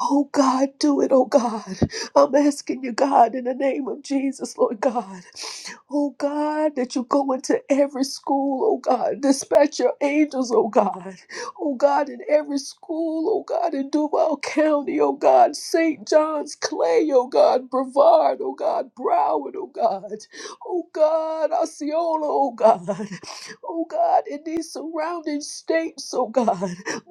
Oh God, do it, oh God. I'm asking you, God, in the name of Jesus, Lord God. Oh God, that you go into every school, oh God, dispatch your angels, oh God. Oh God, in every school, oh God, in Duval County, oh God, St. John's Clay, oh God, Brevard, oh God, Broward, oh God. Oh God, Osceola, oh God. Oh God, in these surrounding states, oh God.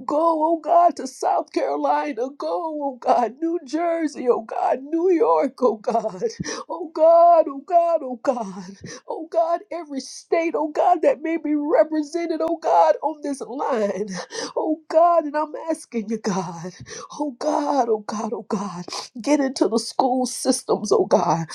Go, oh God, to South Carolina. Go, oh God, New Jersey, oh God, New York, oh God. Oh God, oh God, oh God, oh God, every state, oh God, that may be represented, oh God, on this line. Oh God, and I'm asking you, God, oh God, oh God, oh God, get into the school systems, oh God.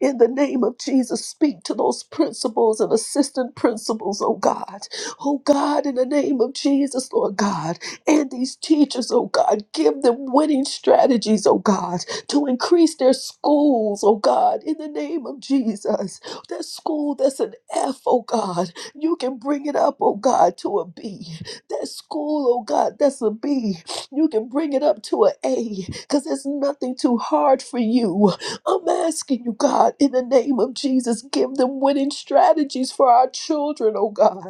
In the name of Jesus, speak to those principals and assistant principals, oh God. Oh God, in the name of Jesus, Lord God, and these teachers, oh God, give them winning strategies, oh God to increase their schools, oh God, in the name of Jesus. That school that's an F, oh God, you can bring it up, oh God, to a B. That school, oh God, that's a B, you can bring it up to a A because there's nothing too hard for you. I'm asking you, God, in the name of Jesus, give them winning strategies for our children, oh God,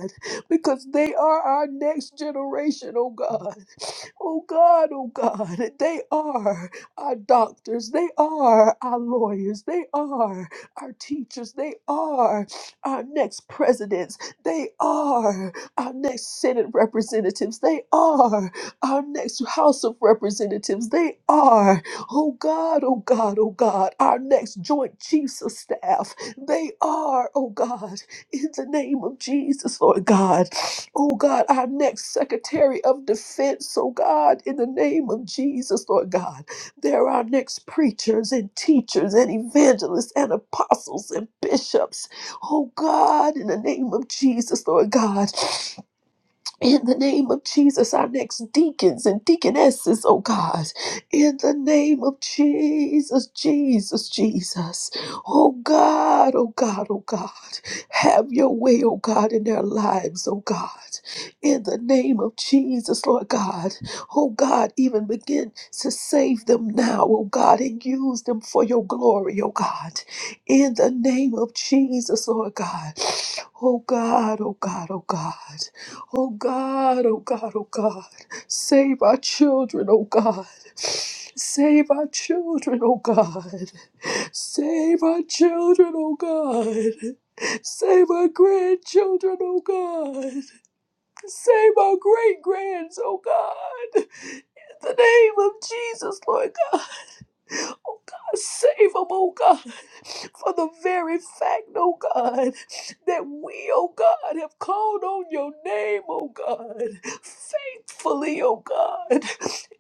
because they are our next generation, oh God. Oh God, oh God, they are our doctors, they are our lawyers, they are our teachers, they are our next presidents, they are our next Senate representatives, they are our next House of Representatives, they are, oh God, oh God, oh God, our next Joint Chiefs of Staff, they are, oh God, in the name of Jesus, Lord God. Oh God, our next Secretary of Defense, oh God, in the name of Jesus, Lord God. There are next preachers and teachers and evangelists and apostles and bishops, oh God, in the name of Jesus, Lord God. In the name of Jesus, our next deacons and deaconesses, oh God. In the name of Jesus, Jesus, Jesus. Oh God, oh God, oh God. Have your way, oh God, in their lives, oh God. In the name of Jesus, Lord God. Oh God, even begin to save them now, oh God, and use them for your glory, oh God. In the name of Jesus, Lord God. Oh God, oh God, oh God. Oh God, oh God, oh God, save our children, oh God. Save our children, oh God. Save our children, oh God. Save our grandchildren, oh God. Save our great grands, oh God. In the name of Jesus, Lord God, oh God, save them, oh God. for the very fact, oh God, that we, oh God, have called on your name, oh God, faithfully, oh God,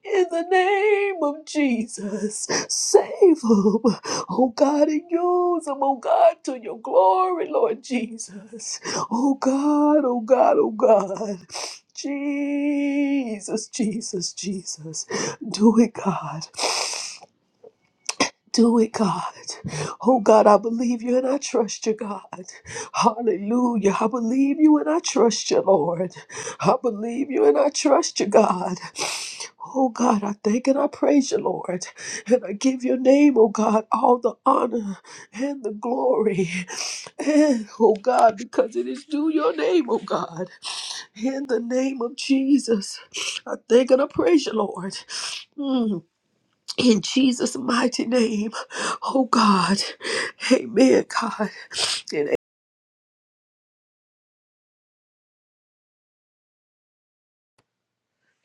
in the name of Jesus. Save them, oh God, and use them, oh God, to your glory, Lord Jesus. Oh God, oh God, oh God. Jesus, Jesus, Jesus. Do it, God. Do it, God. Oh, God, I believe you and I trust you, God. Hallelujah. I believe you and I trust you, Lord. I believe you and I trust you, God. Oh, God, I thank and I praise you, Lord. And I give your name, oh, God, all the honor and the glory. And, oh, God, because it is due your name, oh, God. In the name of Jesus, I thank and I praise you, Lord. Mm. In Jesus' mighty name, oh God, amen, God. and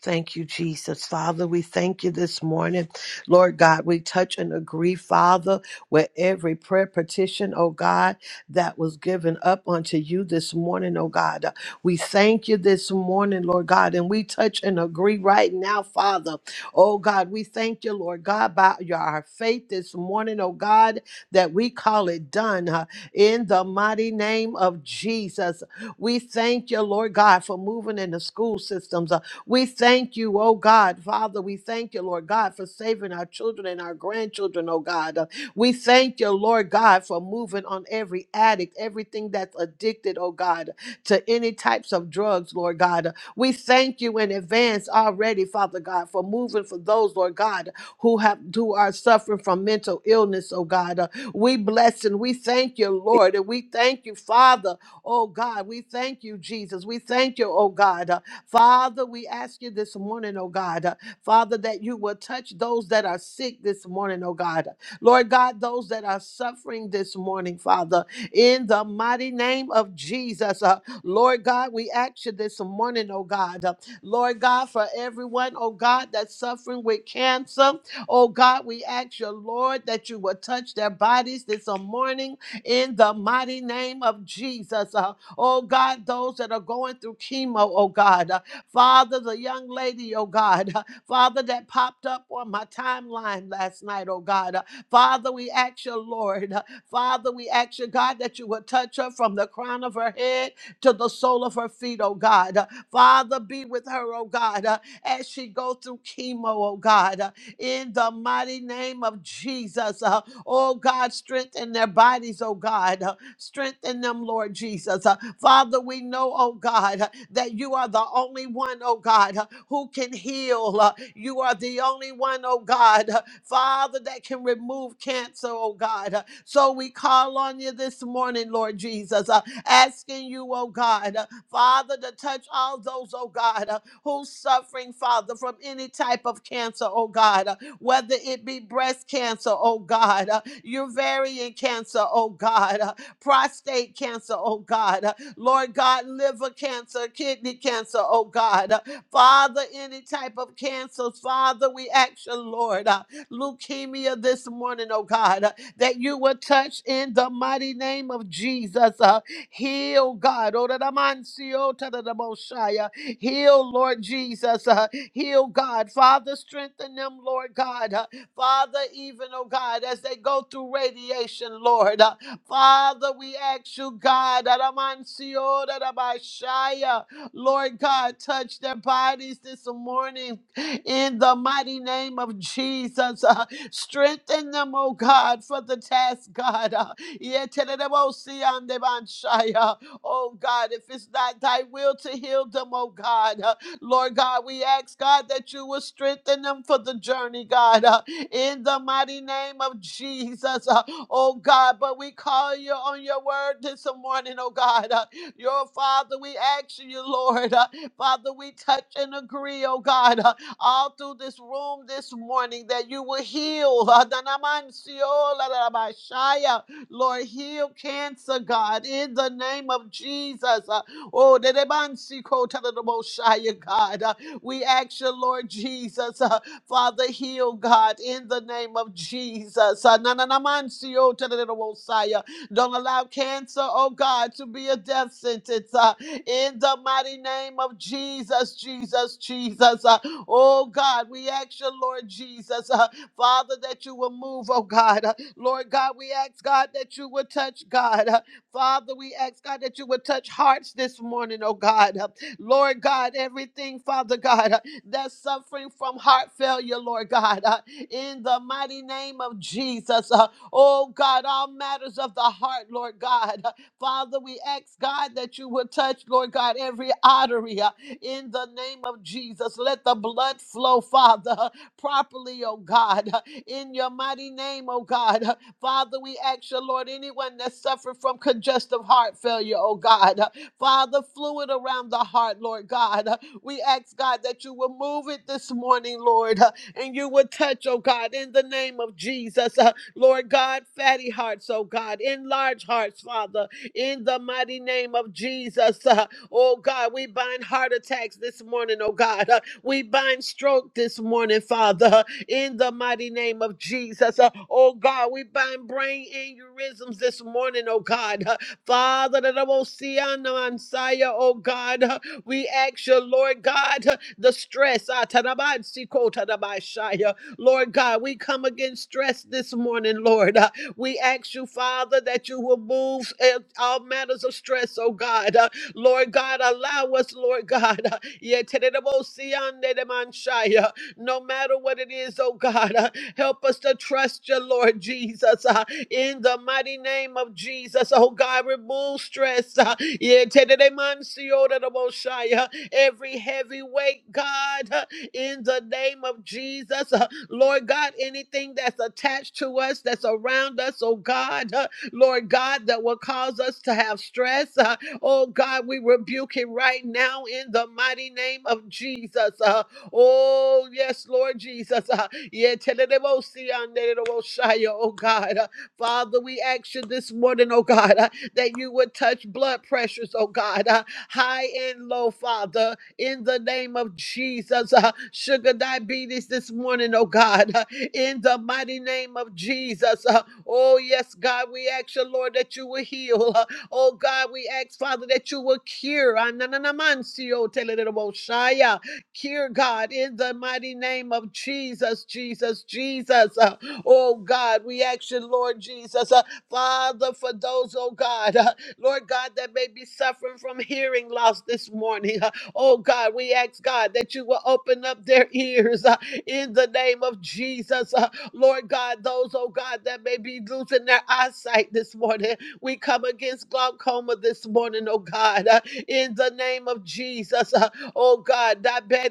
Thank you, Jesus. Father, we thank you this morning. Lord God, we touch and agree, Father, with every prayer petition, oh God, that was given up unto you this morning, oh God. Uh, We thank you this morning, Lord God, and we touch and agree right now, Father. Oh God, we thank you, Lord God, by your, our faith this morning, oh God, that we call it done huh, in the mighty name of Jesus. We thank you, Lord God, for moving in the school systems. huh, we thank you, oh God, Father. We thank you, Lord God, for saving our children and our grandchildren, oh God. Uh, We thank you, Lord God, for moving on every addict, everything that's addicted, oh God, to any types of drugs, Lord God. We thank you in advance already, Father God, for moving for those, Lord God, who have who are suffering from mental illness, oh God. Uh, We bless and we thank you, Lord, and we thank you, Father, oh God. We thank you, Jesus. We thank you, oh God. Father, we ask you this morning, oh God, uh, Father, that you will touch those that are sick this morning, oh God. Lord God, those that are suffering this morning, Father, in the mighty name of Jesus. uh, Lord God, we ask you this morning, oh God. uh, Lord God, for everyone, oh God, that's suffering with cancer, oh God, we ask you, Lord, that you will touch their bodies this morning in the mighty name of Jesus. Uh, oh God, those that are going through chemo, oh God. Uh, Father, the young lady, oh God, uh, Father, that popped up on my timeline last night, oh God. Uh, Father, we ask you, Lord, uh, Father, we ask you, God, that you would touch her from the crown of her head to the sole of her feet, oh God. Uh, Father, be with her, oh God, uh, as she go through chemo, oh God, uh, in the mighty name of Jesus. Uh, oh God, strengthen their bodies, oh God. Uh, Strengthen them, Lord Jesus. Uh, Father, we know, oh God, uh, that you are the only one, oh God, uh, who can heal. Uh, You are the only one, oh God, uh, Father, that can remove cancer, oh God. Uh, So we call on you this morning, Lord Jesus, uh, asking you, oh God, uh, Father, to touch all those, oh God, uh, who's suffering, Father, from any type of cancer, oh God, uh, whether it be breast cancer, oh God, uh, ovarian cancer, oh God. uh, prostate cancer, oh God. Uh, Lord God, liver cancer, kidney cancer, oh God. Uh, Father, any type of cancers, Father, we ask you, Lord, uh, leukemia this morning, oh God, uh, that you will touch in the mighty name of Jesus. Uh, heal, God. Oh, da da man si, oh, ta da da mo shi, uh, Heal, Lord Jesus. Uh, heal, God. Father, strengthen them, Lord God. Uh, Father, even, oh God, as they go through radiation, Lord. Uh, Father, we ask you, God, Aramansio, Arabashaya. Lord God, touch their bodies this morning in the mighty name of Jesus. Uh, strengthen them, oh God, for the task, God. Uh, Yetererebosiandebanshaya. oh God, if it's not thy will to heal them, oh God. Uh, Lord God, we ask, God, that you will strengthen them for the journey, God. Uh, in the mighty name of Jesus, uh, oh God. But we call you on your word this morning, oh God. Uh, your Father, we ask you, Lord. uh, Father, we touch and agree, oh God, uh, all through this room this morning that you will heal. uh, Danamansio, Lalabashaya. Lord, heal cancer, God, in the name of Jesus. Uh, Oh, Dedebansiko, Tadadaboshaya, God. Uh, We ask you, Lord Jesus. uh, Father, heal, God, in the name of Jesus. Uh, na- na- na- man, see, oh, ta- da- da- da- Messiah. Don't allow cancer, oh God, to be a death sentence. uh, in the mighty name of Jesus, Jesus, Jesus. Uh, oh God, we ask you, Lord Jesus, uh, Father, that you will move, oh God. Uh, Lord God, we ask, God, that you would touch, God. Uh, Father, we ask, God, that you would touch hearts this morning, oh God. Uh, Lord God, everything, Father God. uh, that's suffering from heart failure, Lord God, uh, in the mighty name of Jesus. Uh, oh God, all matters of the heart, Lord God. Uh, Father, we ask God that you would touch, Lord God, every artery uh, in the name of Jesus. Let the blood flow, Father, uh, properly, oh God, uh, in your mighty name, oh God. Uh, Father, we ask you, Lord, anyone that suffered from congestive heart failure, oh God, uh, Father, fluid around the heart, Lord God. uh, we ask, God, that you will move it this morning, Lord, uh, and you will touch, oh God, in the name of Jesus. Uh, Lord God, fatty hearts, oh God, enlarge hearts, Father, in the mighty name of Jesus. Uh, oh God, we bind heart attacks this morning, oh God. Uh, we bind stroke this morning, Father, uh, in the mighty name of Jesus. Uh, oh God, we bind brain aneurysms this morning, oh God. Uh, Father, that I will see on the Messiah, oh God. Uh, we ask you, Lord God, the stress. ah, tadabansi ko tadabashaya. Lord God, we come against stress this morning, Lord. Uh, We ask you, Father, that you will move uh, all matters of stress, oh God. Uh, Lord God, allow us, Lord God. uh, yeah, tadadabosi andedemanshaya. No matter what it is, oh God, uh, help us to trust you, Lord Jesus. Ah, in the mighty name of Jesus. Oh God, remove stress. uh, yeah, today, man, see you later, Most High, uh, Every heavy weight, God, uh, in the name of Jesus. Uh, Lord God, anything that's attached to us, that's around us, oh God, uh, Lord God, that will cause us to have stress. uh, oh God, we rebuke it right now in the mighty name of Jesus. Uh, oh, yes, Lord Jesus. Uh, yeah, telelebosi, anderebosaya, oh God. huh? Father, we ask you this morning, oh God, uh, that you would touch blood pressures, oh God, uh, high and low, Father, in the name of Jesus. Uh, sugar diabetes this morning, oh God, uh, in the mighty name of Jesus. Uh, oh, yes, God, we ask you, Lord, that you will heal. Uh, oh, God, we ask, Father, that you will cure. Ah, na, na, na, man, si, oh, tele, de, de, bo, shia. Cure, God, in the mighty name of Jesus, Jesus, Jesus. Uh, Oh God, we ask you, Lord Jesus, uh, Father, for those, oh God, uh, Lord God, that may be suffering from hearing loss this morning. uh, oh God, we ask God that you will open up their ears uh, in the name of Jesus. uh, Lord God, those, oh God, that may be losing their eyesight this morning. We come against glaucoma this morning, oh God, uh, in the name of Jesus. uh, oh God, diabetic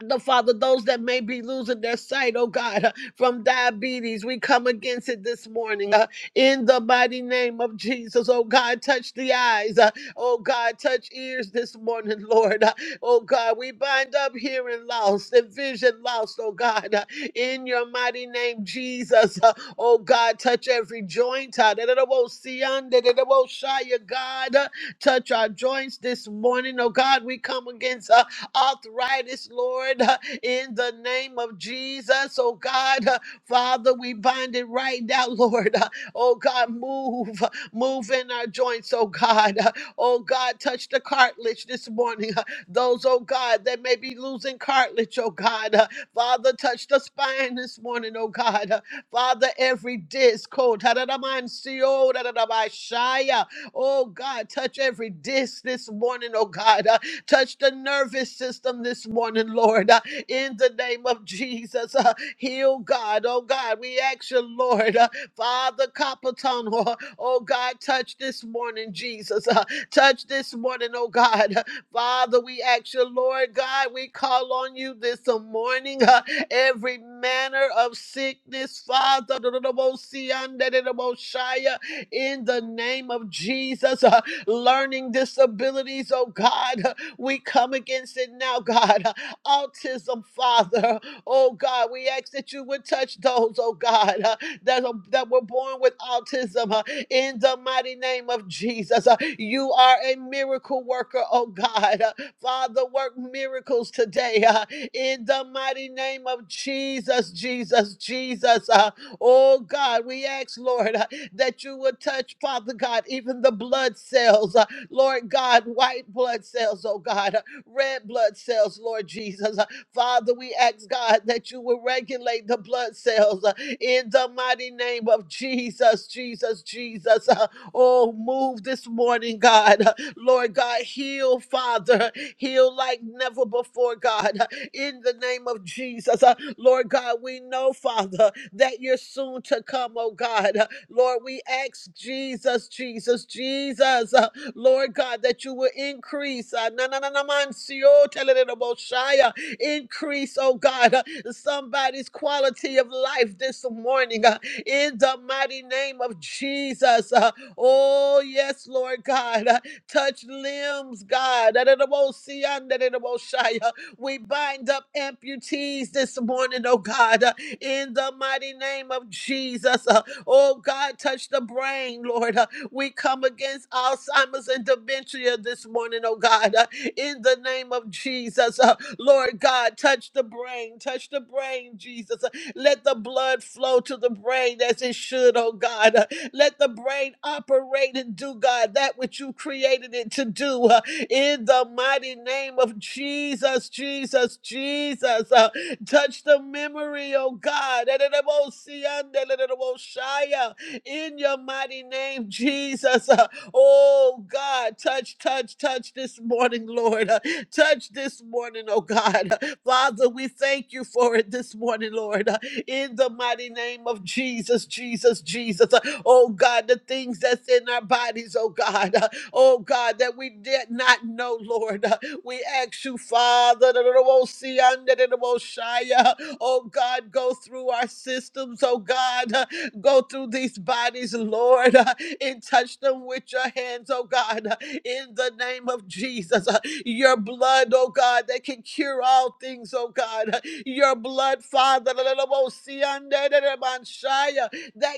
the Father, those that may be losing their sight, oh God, uh, from diabetes, we come against it this morning uh, in the mighty name of Jesus. Oh God, touch the eyes, uh, oh God, touch ears this morning, Lord. Uh, oh God, we bind up hearing lost and vision lost, oh God, uh, in your mighty name, Jesus. Uh, oh God, touch every joint, uh, that it won't see under, that it won't shy, God. Uh, touch our joints this morning, oh God, we come against. Uh, arthritis, Lord, uh, in the name of Jesus. Oh God, uh, Father, we bind it right now, Lord. Uh, Oh God, move, uh, move in our joints, oh God. Uh, Oh God, touch the cartilage this morning. Uh, Those, oh God, that may be losing cartilage, oh God. Uh, Father, touch the spine this morning, oh God. Uh, Father, every disc, oh, da-da-da-man-si-o, da-da-da-ba-shaya. Oh God, touch every disc this morning, oh God. Touch the nervous system this morning, Lord, uh, in the name of Jesus. Uh, heal God, oh God. We ask you, Lord, uh, Father Capitan, oh, oh God, touch this morning, Jesus. Uh, touch this morning, oh God. Father, we ask you, Lord God, we call on you this morning. uh, every manner of sickness, Father, in the name of Jesus, uh, learning disabilities, oh God. We come against it now, God. Autism, Father. Oh God, we ask that you would touch those, oh God, uh, that, are- that were born with autism uh, in the mighty name of Jesus. Uh, you are a miracle worker, oh God. Uh, Father, work miracles today uh, in the mighty name of Jesus, Jesus, Jesus. Uh, oh God, we ask, Lord, uh, that you would touch, Father God, even the blood cells. uh, Lord God, white blood cells, oh God, uh, red blood cells, Lord Jesus. Uh, Father, we ask God that you will regulate the blood cells uh, in the mighty name of Jesus, Jesus, Jesus. Uh, Oh, move this morning, God. Uh, Lord God, heal, Father. Heal like never before, God, Uh, in the name of Jesus. Uh, Lord God, we know, Father, that you're soon to come, oh God. Uh, Lord, we ask Jesus, Jesus, Jesus. Lord God, that you will increase. uh, na- na- na- na- man, see, oh, tell it in the most shy, uh, Increase, oh God, uh, somebody's quality of life this morning uh, in the mighty name of Jesus. uh, Oh, yes, Lord God. uh, Touch limbs, God. da- da- da- mo- see, uh, da- da- da- mo- shy, uh, We bind up amputees this morning, oh God, uh, in the mighty name of Jesus. uh, Oh God, touch the brain, Lord. uh, we come against Alzheimer's and dementia this morning, oh God, uh, in the name of Jesus. Uh, Lord God, touch the brain, touch the brain, Jesus. Uh, Let the blood flow to the brain as it should, oh God. Uh, Let the brain operate and do, God, that which you created it to do. uh, In the mighty name of Jesus, Jesus, Jesus. Uh, Touch the memory, oh God. in your mighty name, Jesus. Uh, oh God, touch, touch, touch this morning, Lord. Uh, touch this morning, oh God. Uh, Father, we thank you for it this morning, Lord. Uh, in the mighty name of Jesus, Jesus, Jesus. Uh, oh God, the things that's in our bodies, oh God. Uh, oh God, that we did not know, Lord. Uh, we ask you, Father, that it will see under the Most High, uh, oh God, go through our systems, oh God. Uh, Go through these bodies, Lord, uh, and touch them with your hands, oh God, uh, in the name of Jesus. Uh, Your blood, oh God, that can cure all things, oh God. Uh, Your blood, Father, that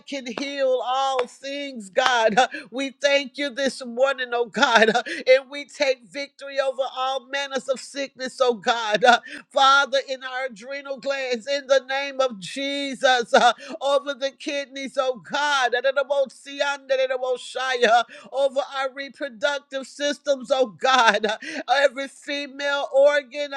can heal all things, God. Uh, We thank you this morning, oh God, uh, and we take victory over all manners of sickness, oh God. Uh, Father, in our adrenal glands, in the name of Jesus over the kidneys, oh God, over our reproductive systems, oh God, every female organ,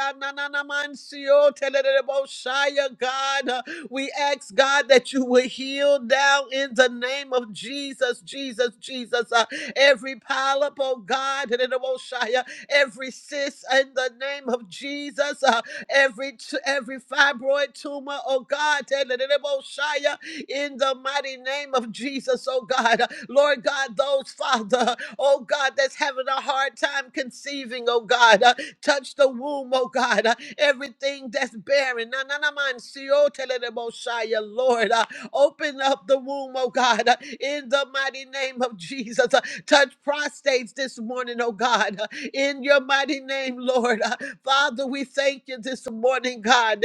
God, we ask God that you would heal now in the name of Jesus, Jesus, Jesus, uh, every polyp, oh God, every cyst in the name of Jesus, uh, every t- every fibroid tumor, oh God, Shia, in the mighty name of Jesus, oh God. Lord God, those, Father, oh God, that's having a hard time conceiving, oh God, uh, touch the womb, oh God, uh, everything that's barren. Na- na- na- man, si- oh, Shia, Lord, uh, open up the womb, oh God, uh, in the mighty name of Jesus. Uh, Touch prostates this morning, oh God in your mighty name, Lord. Uh, Father, we thank you this morning, God.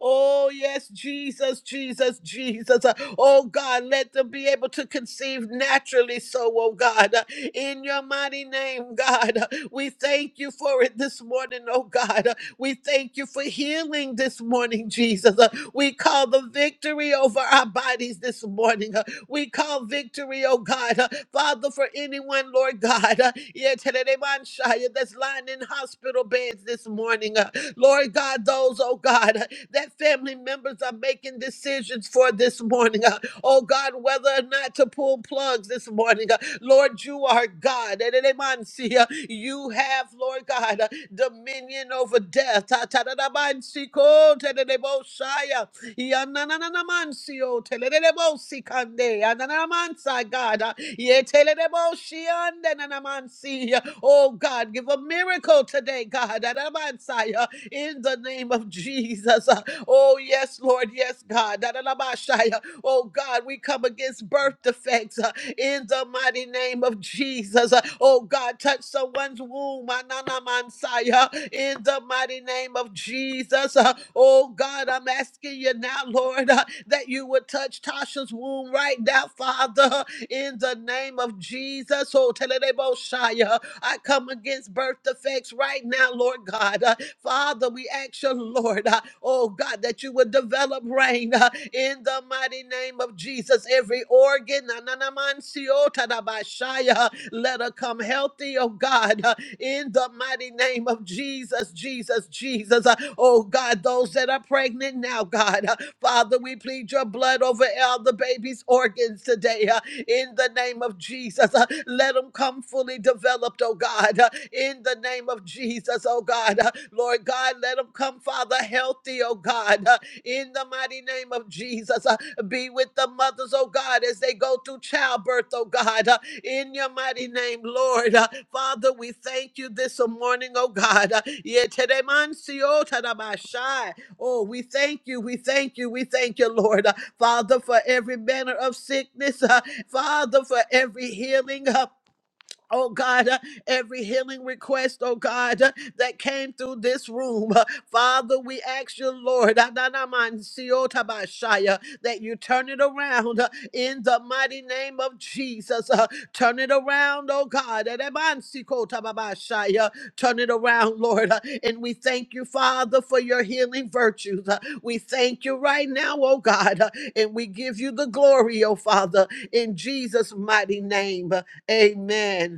Oh, yes, Jesus, Jesus, Jesus. Uh, Oh, God, let them be able to conceive naturally so, oh, God. Uh, In your mighty name, God, uh, we thank you for it this morning, oh, God. Uh, We thank you for healing this morning, Jesus. Uh, We call the victory over our bodies this morning. Uh, we call victory, oh God. Uh, Father, for anyone, Lord God, uh, yeah, today they mind uh, that's lying in hospital beds this morning. uh, Lord God, those, oh God, uh, that family members are making decisions for this morning. uh, Oh God, whether or not to pull plugs this morning. uh, Lord, you are God. And they mind uh, You have, Lord God, uh, dominion over death. Ta- ta- da- da- mind see, cold, ta- uh, Yanananamancio, telelebosi kande, yananamansa, God. Uh, ye telelebosi ande nanamansi. Oh God, give a miracle today, God. Anamansa in the name of Jesus. Uh, Oh, yes, Lord. Yes, God. Da-da-da-ba-shia. Oh, God, we come against birth defects uh, in the mighty name of Jesus. Uh, Oh, God, touch someone's womb. Ananamansaya, In the mighty name of Jesus. Uh, Oh, God, I'm asking you now, Lord, uh, that you would touch Tasha's womb right now, Father, in the name of Jesus. Oh, Telebo I come against birth defects right now, Lord God. Uh, Father, we ask you, Lord, uh, oh God, that you would develop rain uh, in the mighty name of Jesus. Every organ, na- na- na- man- si- oh, ta- da- ba- shy, uh, let her come healthy, oh God, uh, in the mighty name of Jesus, Jesus, Jesus. Uh, Oh God, those that are pregnant now, God. Uh, Father, we plead your blood over all the baby's organs today uh, in the name of Jesus. Uh, Let them come fully developed, oh God, uh, in the name of Jesus, oh God. Uh, Lord God, let them come, Father, healthy, oh God, uh, in the mighty name of Jesus. Uh, be with the mothers, oh God, as they go through childbirth, oh God, uh, in your mighty name, Lord. Uh, Father, we thank you this morning, oh God. Uh, Yeteremansi otarabashai. Oh, we thank you, we thank you, we thank you, Lord. Uh, Father, for every manner of sickness, uh, Father, for every healing. uh, Oh God, uh, every healing request, oh God, uh, that came through this room. Uh, Father, we ask you, Lord, ah, si, oh, uh, that you turn it around uh, in the mighty name of Jesus. Uh, Turn it around, oh God. eh, de, man, si, uh, Turn it around, Lord. Uh, And we thank you, Father, for your healing virtues. Uh, We thank you right now, oh God. Uh, And we give you the glory, oh Father, in Jesus' mighty name. Uh, Amen.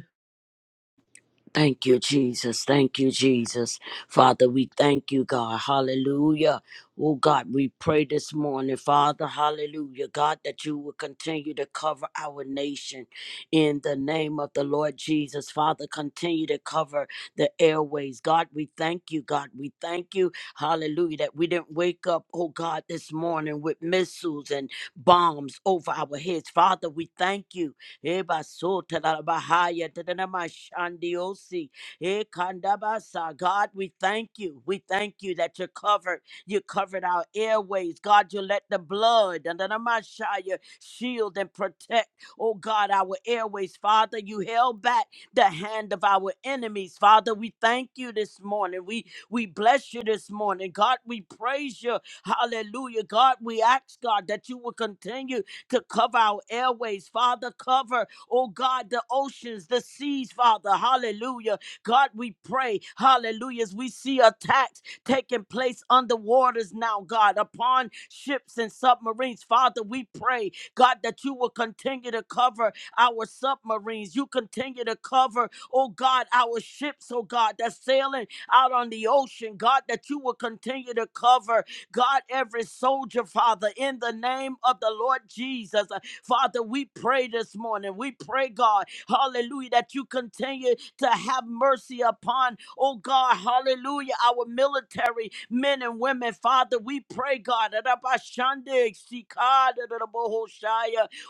Thank you, Jesus. Thank you, Jesus. Father, we thank you, God. Hallelujah. Oh, God, we pray this morning, Father, hallelujah. God, that you will continue to cover our nation in the name of the Lord Jesus. Father, continue to cover the airways. God, we thank you, God. We thank you, hallelujah, that we didn't wake up, oh, God, this morning with missiles and bombs over our heads. Father, we thank you Eba so tadabahaya tadamashandiosi. E kandabasa. God, we thank you. We thank you that you covered. You covered our airways. God, you let the blood tadamashaya shield and protect. Oh God, our airways. Father, you held back the hand of our enemies. Father, we thank you this morning. We we bless you this morning. God, we praise you. Hallelujah. God, we ask God that you will continue to cover our airways, Father. Cover, oh God, the oceans, the seas, Father. Hallelujah. God, we pray, hallelujah, as we see attacks taking place under waters now, God, upon ships and submarines. Father, we pray, God, that you will continue to cover our submarines. You continue to cover, oh God, our ships, oh God, that's sailing out on the ocean. God, that you will continue to cover God, every soldier, Father, in the name of the Lord Jesus. Uh, Father, we pray this morning. We pray, God, hallelujah, that you continue to have mercy upon, oh God, hallelujah, our military men and women. Father, we pray, God, that Abashande, Sikada, da da bo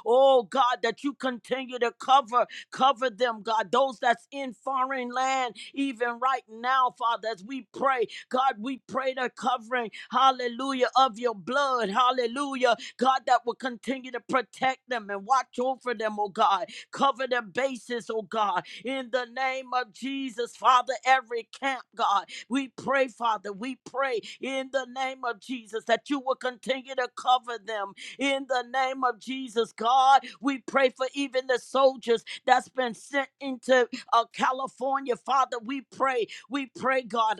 oh God, that you continue to cover. Cover them, God. Those that's in foreign land, even right now, Father, as we pray, God, we pray the covering, hallelujah, of your blood, hallelujah, God, that will continue to protect them and watch over them, oh God. Cover their bases, oh God, in the name of Jesus, Father, every camp, God, we pray, Father, we pray in the name of Jesus that you will continue to cover them in the name of Jesus, God, we pray for even the soldiers that's been sent into uh, California. Father, we pray. We pray, God.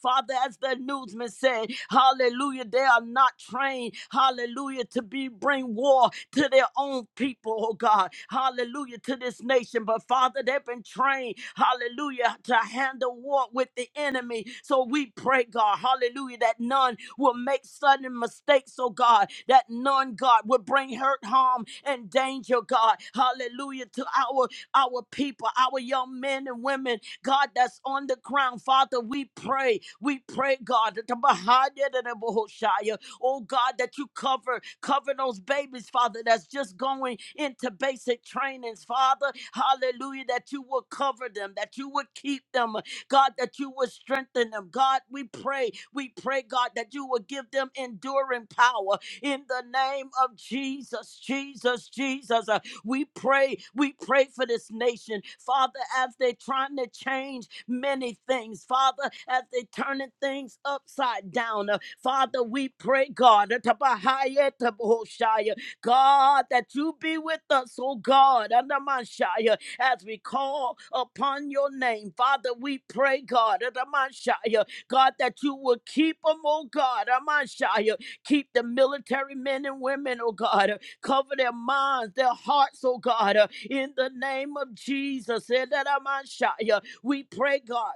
Father, as the newsman said, hallelujah, they are not trained, hallelujah, to be bring war to their own people, oh God, hallelujah, to this nation. But Father, they've been trained, hallelujah, to handle war with the enemy. So we pray, God, hallelujah, that none will make sudden mistakes, oh God, that none, God, will bring hurt, harm, and danger, God, hallelujah, to our our people, our young men and women, God, that's on the ground. Father, we pray. We pray, God, that the Bahaya and the Bahoshaya, oh God, that you cover, cover those babies, Father, that's just going into basic trainings, Father. Hallelujah, that you will cover them, that you would keep them, God, that you would strengthen them. God, we pray, we pray, God, that you will give them enduring power in the name of Jesus, Jesus, Jesus. We pray, we pray for this nation, Father, as they're trying to change many things, Father, as they're turning things upside down. Uh, Father, we pray, God, uh, Tabahaya, Tabahoshaya, God, that you be with us, oh God, Anamashaya, as we call upon your name. Father, we pray, God, Anamashaya, God, that you will keep them, oh God, Amashaya, keep the military men and women, oh God. Cover their minds, their hearts, oh God, uh, in the name of Jesus. Eh, da, da, ma, sha, yeah. We pray, God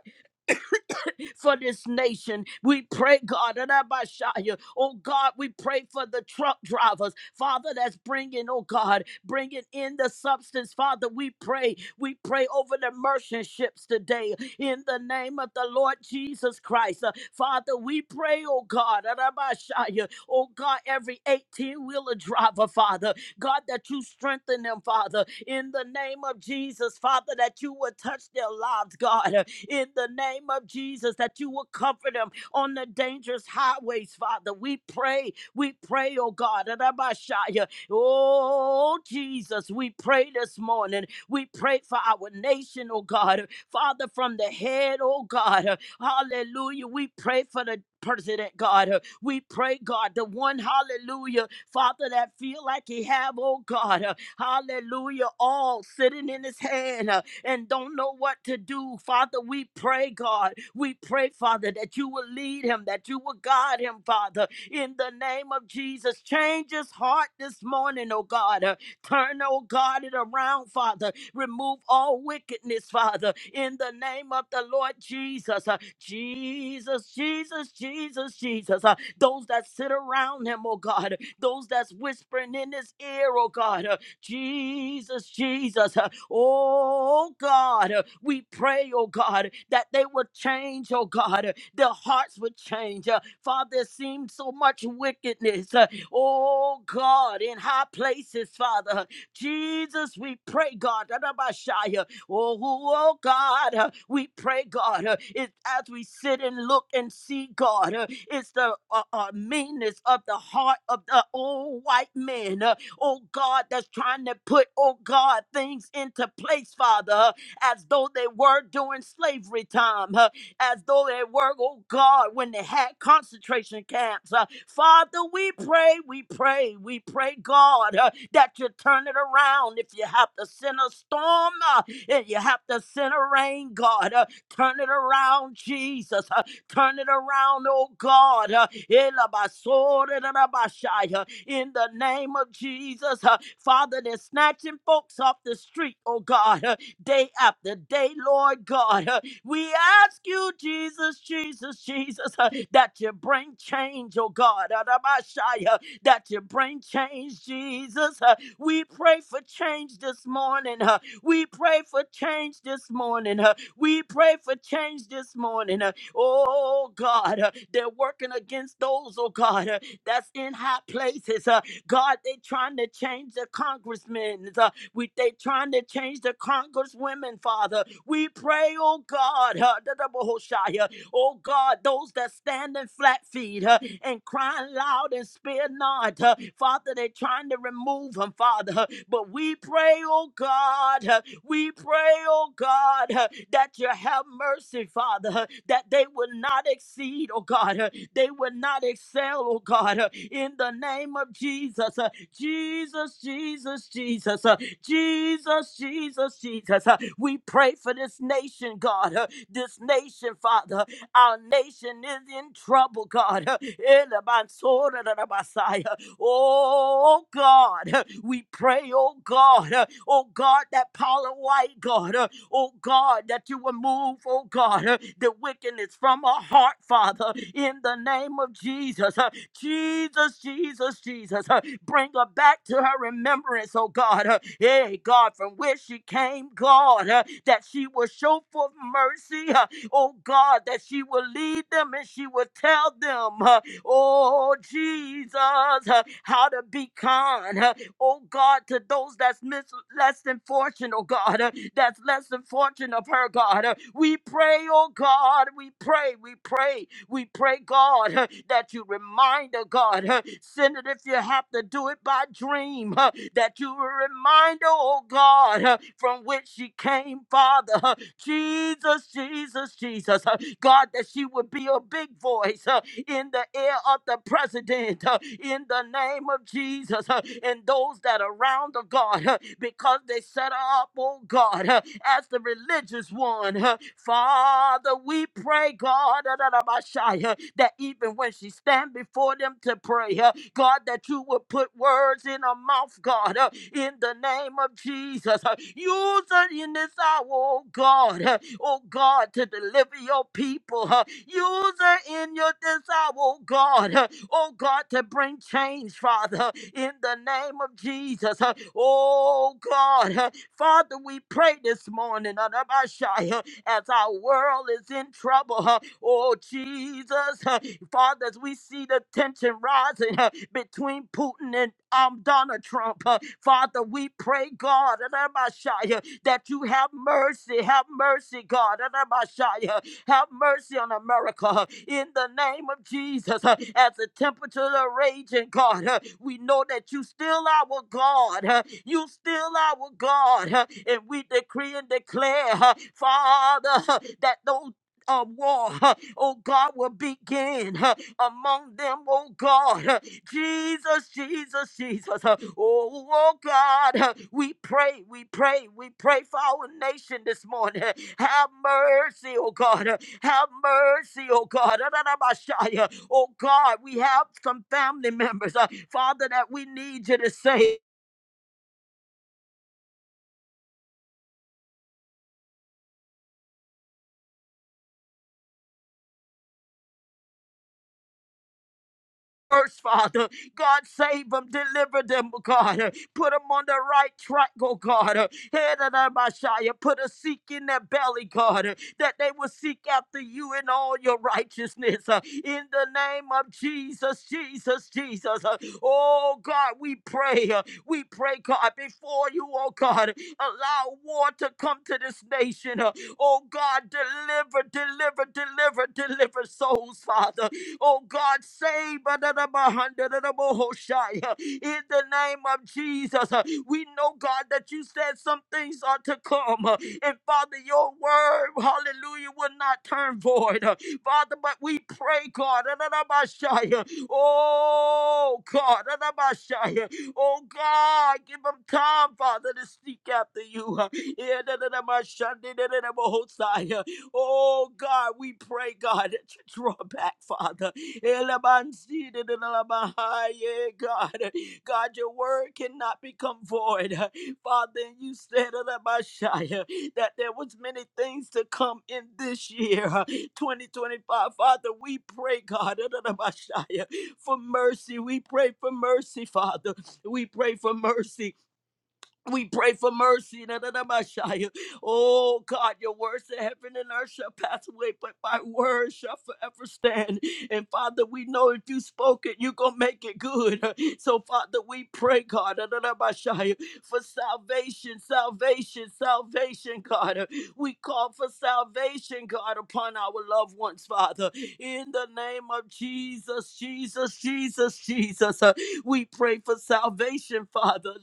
for this nation. We pray, God, and I by Shia. oh God, we pray for the truck drivers, Father, that's bringing, oh God, bringing in the substance. Father, we pray. We pray over the merchant ships today in the name of the Lord Jesus Christ. Uh, Father, we pray, oh God, and I by Shia. oh God, every 18 wheeler driver, Father, God, that you strengthen them, Father, in the name of Jesus, Father, that you would touch their lives, God in the name of Jesus that you will comfort them on the dangerous highways, Father. We pray, we pray, oh God. Rabashaya. Oh Jesus, we pray this morning. We pray for our nation, oh God. Father, from the head, oh God. Hallelujah. We pray for the president, God. We pray, God, the one, hallelujah, Father, that feel like he have, oh God, hallelujah, all sitting in his hand and don't know what to do. Father, we pray, God. We pray, Father, that you will lead him, that you will guide him, Father, in the name of Jesus. Change his heart this morning, oh God. Uh, Turn, oh God, it around, Father. Remove all wickedness, Father, in the name of the Lord Jesus. Uh, Jesus, Jesus, Jesus, Jesus. Uh, Those that sit around him, oh God. Those that's whispering in his ear, oh God. Uh, Jesus, Jesus. uh, Oh God, uh, we pray, oh God, that they would change, oh God. uh, Their hearts would change. uh, Father, there seems so much wickedness. uh, Oh God, in high places, Father. uh, Jesus, we pray, God. Adabashaya, Oh, oh God, uh, we pray, God, uh, it, as we sit and look and see, God, uh, it's the uh, uh, meanness of the heart of the old white men oh God, that's trying to put, oh God, things into place, Father, uh, as though they were during slavery time, uh, as though they were, oh God, when they had concentration camps. uh, Father, we pray, we pray, we pray, God, uh, that you turn it around. If you have to send a storm, uh, if you have to send a rain, God, uh, turn it around, Jesus. uh, turn it around, oh God. uh, Elabasore, elabashai, uh, in the name of Jesus. Uh, Father, they're snatching folks off the street, oh God, uh, day after day, Lord God. Uh, we ask you, Jesus, Jesus, Jesus, uh, that you bring change, oh God, Adabashaya, that you bring change, Jesus. Uh, we pray for change this morning. uh, we pray for change this morning. uh, we pray for change this morning. uh, oh God, uh, they're working against those, oh God. uh, that's in high places. Uh, God, they trying to change the congressmen. Uh, we they trying to change the congresswomen, Father. We pray, oh God, uh, Oh God, those that standing flat feet uh, and crying loud and spare not. uh, Father, they're trying to remove them, Father. uh, But we pray, oh God, uh, we pray, oh God, uh, that you have mercy, Father, uh, that they will not exceed, oh God, uh, they will not excel, oh God, uh, in the name of Jesus. uh, Jesus, Jesus, Jesus, uh, Jesus, Jesus, Jesus. uh, We pray for this nation, God, uh, this nation, Father. Our nation is in trouble, God. Elebansoradabasaya. Oh, God. We pray, oh, God. Oh, God, that Paula White, God. Oh, God, that you will move, oh, God, the wickedness from our heart, Father, in the name of Jesus. Jesus, Jesus, Jesus. Bring her back to her remembrance, oh, God. Hey, God, from where she came, God, that she will show forth mercy oh God, that she will lead them and she will tell them, uh, oh Jesus, uh, how to be kind, uh, oh God, to those that's mis- less than fortunate, oh God, uh, that's less than fortunate of her, God. Uh, we pray, oh God, we pray, we pray, we pray, God, uh, that you remind her, God, uh, send it if you have to do it by I dream huh, that you were a reminder, oh God, huh, from which she came, Father. huh. Jesus, Jesus, Jesus. huh. God, that she would be a big voice huh, in the ear of the president, huh, in the name of Jesus, huh, and those that are around the God, huh, because they set her up, oh God, huh, as the religious one. huh. Father, Father, we pray, God, uh, that even when she stand before them to pray, uh, God, that you would put words in her mouth, God, uh, in the name of Jesus. uh, Use her in this hour, oh God, uh, oh God, to deliver your people. uh, Use her in your this hour, oh God, uh, oh God, to bring change, Father, uh, in the name name of Jesus. Uh, Oh God, uh, Father, we pray this morning uh, Rabashai, uh, as our world is in trouble. uh, Oh Jesus, uh, Father, as we see the tension rising uh, between Putin and um, Donald Trump, uh, Father, we pray, God, uh, Rabashai, uh, that you have mercy, have mercy, God, have mercy on America huh, in the name of Jesus. huh. As the temperatures are raging, God, huh, we know that you still our God. huh. You still our God. huh. And we decree and declare, huh, Father, huh, that those uh, war, uh, oh God, will begin uh, among them, oh God. Uh, Jesus, Jesus, Jesus. Uh, Oh, oh God, uh, we pray, we pray, we pray for our nation this morning. Uh, Have mercy, oh God. Uh, Have mercy, oh God. Ah, Uh, Oh God, we have some family members, uh, Father, that we need you to save. first, Father. God, save them, deliver them, oh God. Put them on the right track, oh God. Head of the Messiah, put a seek in their belly, God, that they will seek after you in all your righteousness. Uh, In the name of Jesus, Jesus, Jesus. Uh, Oh God, we pray. uh, We pray, God, before you, oh God, allow war to come to this nation. uh, Oh God, deliver, deliver, deliver, deliver souls, Father. Oh God, save in the name of Jesus. uh, We know, God, that you said some things are to come. uh, And Father, your word, hallelujah, will not turn void. uh, Father, but we pray, God, uh, oh God, uh, oh God, give them time, Father, to seek after you. uh, yeah, Oh God, we pray, God, that you draw back, Father. Elabansidididalabahaya, God, God, your word cannot become void. Father, and you said Elabashaya, that there was many things to come in this year, 2025. Father, we pray, God, Elabashaya, for mercy. We pray for mercy, Father. We pray for mercy. We pray for mercy. da, da, da, Messiah. Oh God, your words in heaven and earth shall pass away, but my word shall forever stand. And Father, we know if you spoke it, you're gonna make it good. So Father, we pray, God, da, da, da, Messiah, for salvation, salvation, salvation, God. We call for salvation, God, upon our loved ones, Father. In the name of Jesus, Jesus, Jesus, Jesus. We pray for salvation, Father.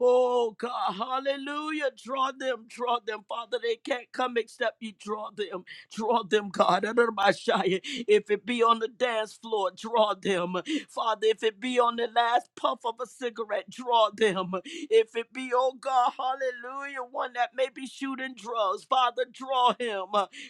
Oh God, hallelujah. Draw them, draw them, Father. They can't come except you draw them. Draw them, God. If it be on the dance floor, draw them. Father, if it be on the last puff of a cigarette, draw them. If it be, oh God, hallelujah, one that may be shooting drugs, Father, draw him.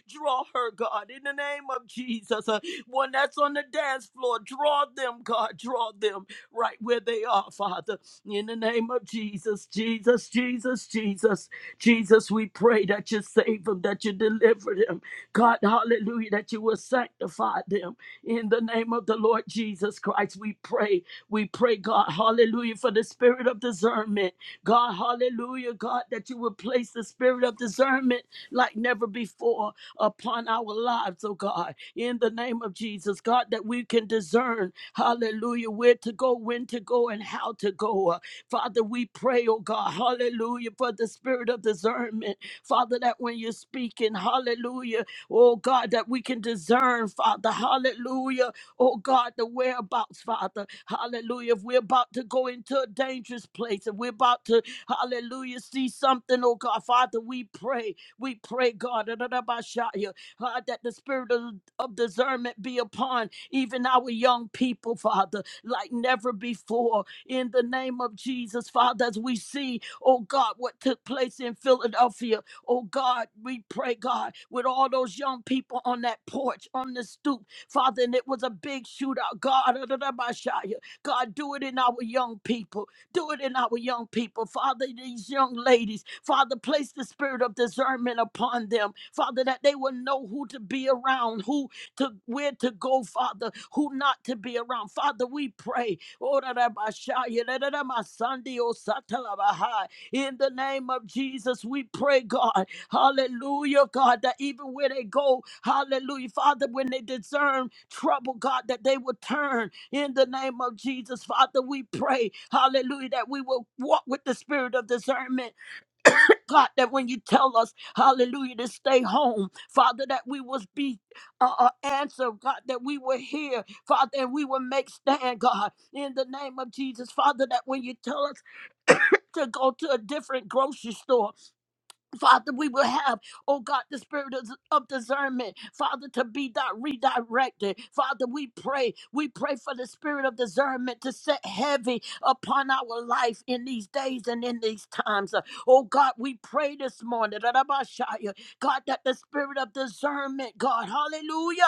Draw her, God, in the name of Jesus. One that's on the dance floor, draw them, God, draw them right where they are, Father. In the name of Jesus, Jesus, Jesus, Jesus, Jesus, we pray that you save them, that you deliver them. God, hallelujah, that you will sanctify them. In the name of the Lord Jesus Christ, we pray. We pray, God, hallelujah, for the spirit of discernment. God, hallelujah, God, that you will place the spirit of discernment like never before upon our lives, oh God. In the name of Jesus, God, that we can discern, hallelujah, where to go, when to go, and how to go. Uh, Father, we pray, oh God, hallelujah, for the spirit of discernment. Father, that when you're speaking, hallelujah, oh God, that we can discern, Father, hallelujah, oh God, the whereabouts, Father, hallelujah. If we're about to go into a dangerous place, if we're about to, hallelujah, see something, oh God, Father, we pray, we pray, God, da-da-da-ba-sha-ya, uh, that the spirit of, of discernment be upon even our young people, Father, like never before. In the name of Jesus, Father, as we see, oh God, what took place in Philadelphia, oh God, we pray, God, with all those young people on that porch, on the stoop, Father, and it was a big shootout. God, da-da-da-ba-sha-ya. God, do it in our young people. Do it in our young people, Father, these young ladies. Father, place the spirit of discernment upon them, Father, that they will know who to be around, who to where to go, Father, who not to be around. Father, we pray. Oh, da, da, ba, sha, ya, da, da, da, ma, Sunday, oh, sa, ta, la, ba, hi. In the name of Jesus, we pray, God. Hallelujah, God, that even where they go, hallelujah, Father, when they discern trouble, God, that they will turn in the name of Jesus. Father, we pray, hallelujah, that we will walk with the spirit of discernment. God, that when you tell us, hallelujah, to stay home, Father, that we will be uh, uh, answer, God, that we will hear, Father, and we will make stand, God, in the name of Jesus. Father, that when you tell us to go to a different grocery store, Father, we will have, oh God, the spirit of, of discernment, Father, to be di- redirected. Father, we pray, we pray for the spirit of discernment to set heavy upon our life in these days and in these times. Uh, Oh God, we pray this morning, God, that the spirit of discernment, God, hallelujah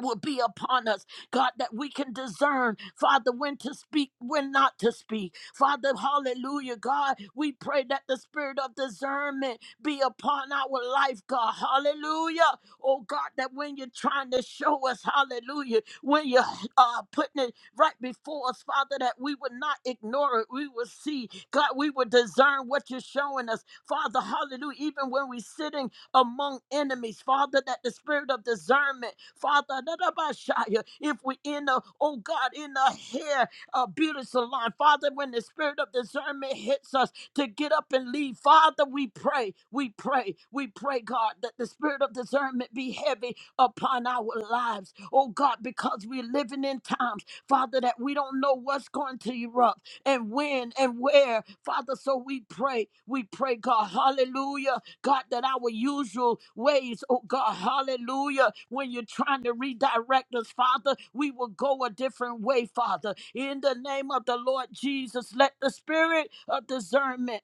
will be upon us, God, that we can discern, Father, when to speak, when not to speak. Father, hallelujah, God, we pray that the spirit of discernment be upon our life, God, hallelujah. Oh, God, that when you're trying to show us, hallelujah, when you're uh, putting it right before us, Father, that we would not ignore it, we will see, God, we will discern what you're showing us, Father, hallelujah, even when we're sitting among enemies, Father, that the spirit of discernment, Father, da- da- ba- shia, if we in the, oh God, in the hair uh, beauty salon, Father, when the spirit of discernment hits us to get up and leave, Father, we pray, we pray, we pray, God, that the spirit of discernment be heavy upon our lives, oh God, because we're living in times, Father, that we don't know what's going to erupt and when and where, Father. So we pray, we pray, God, hallelujah. God, that our usual ways, oh God, hallelujah, when you're trying to redirect us, Father, we will go a different way, Father. In the name of the Lord Jesus, let the spirit of discernment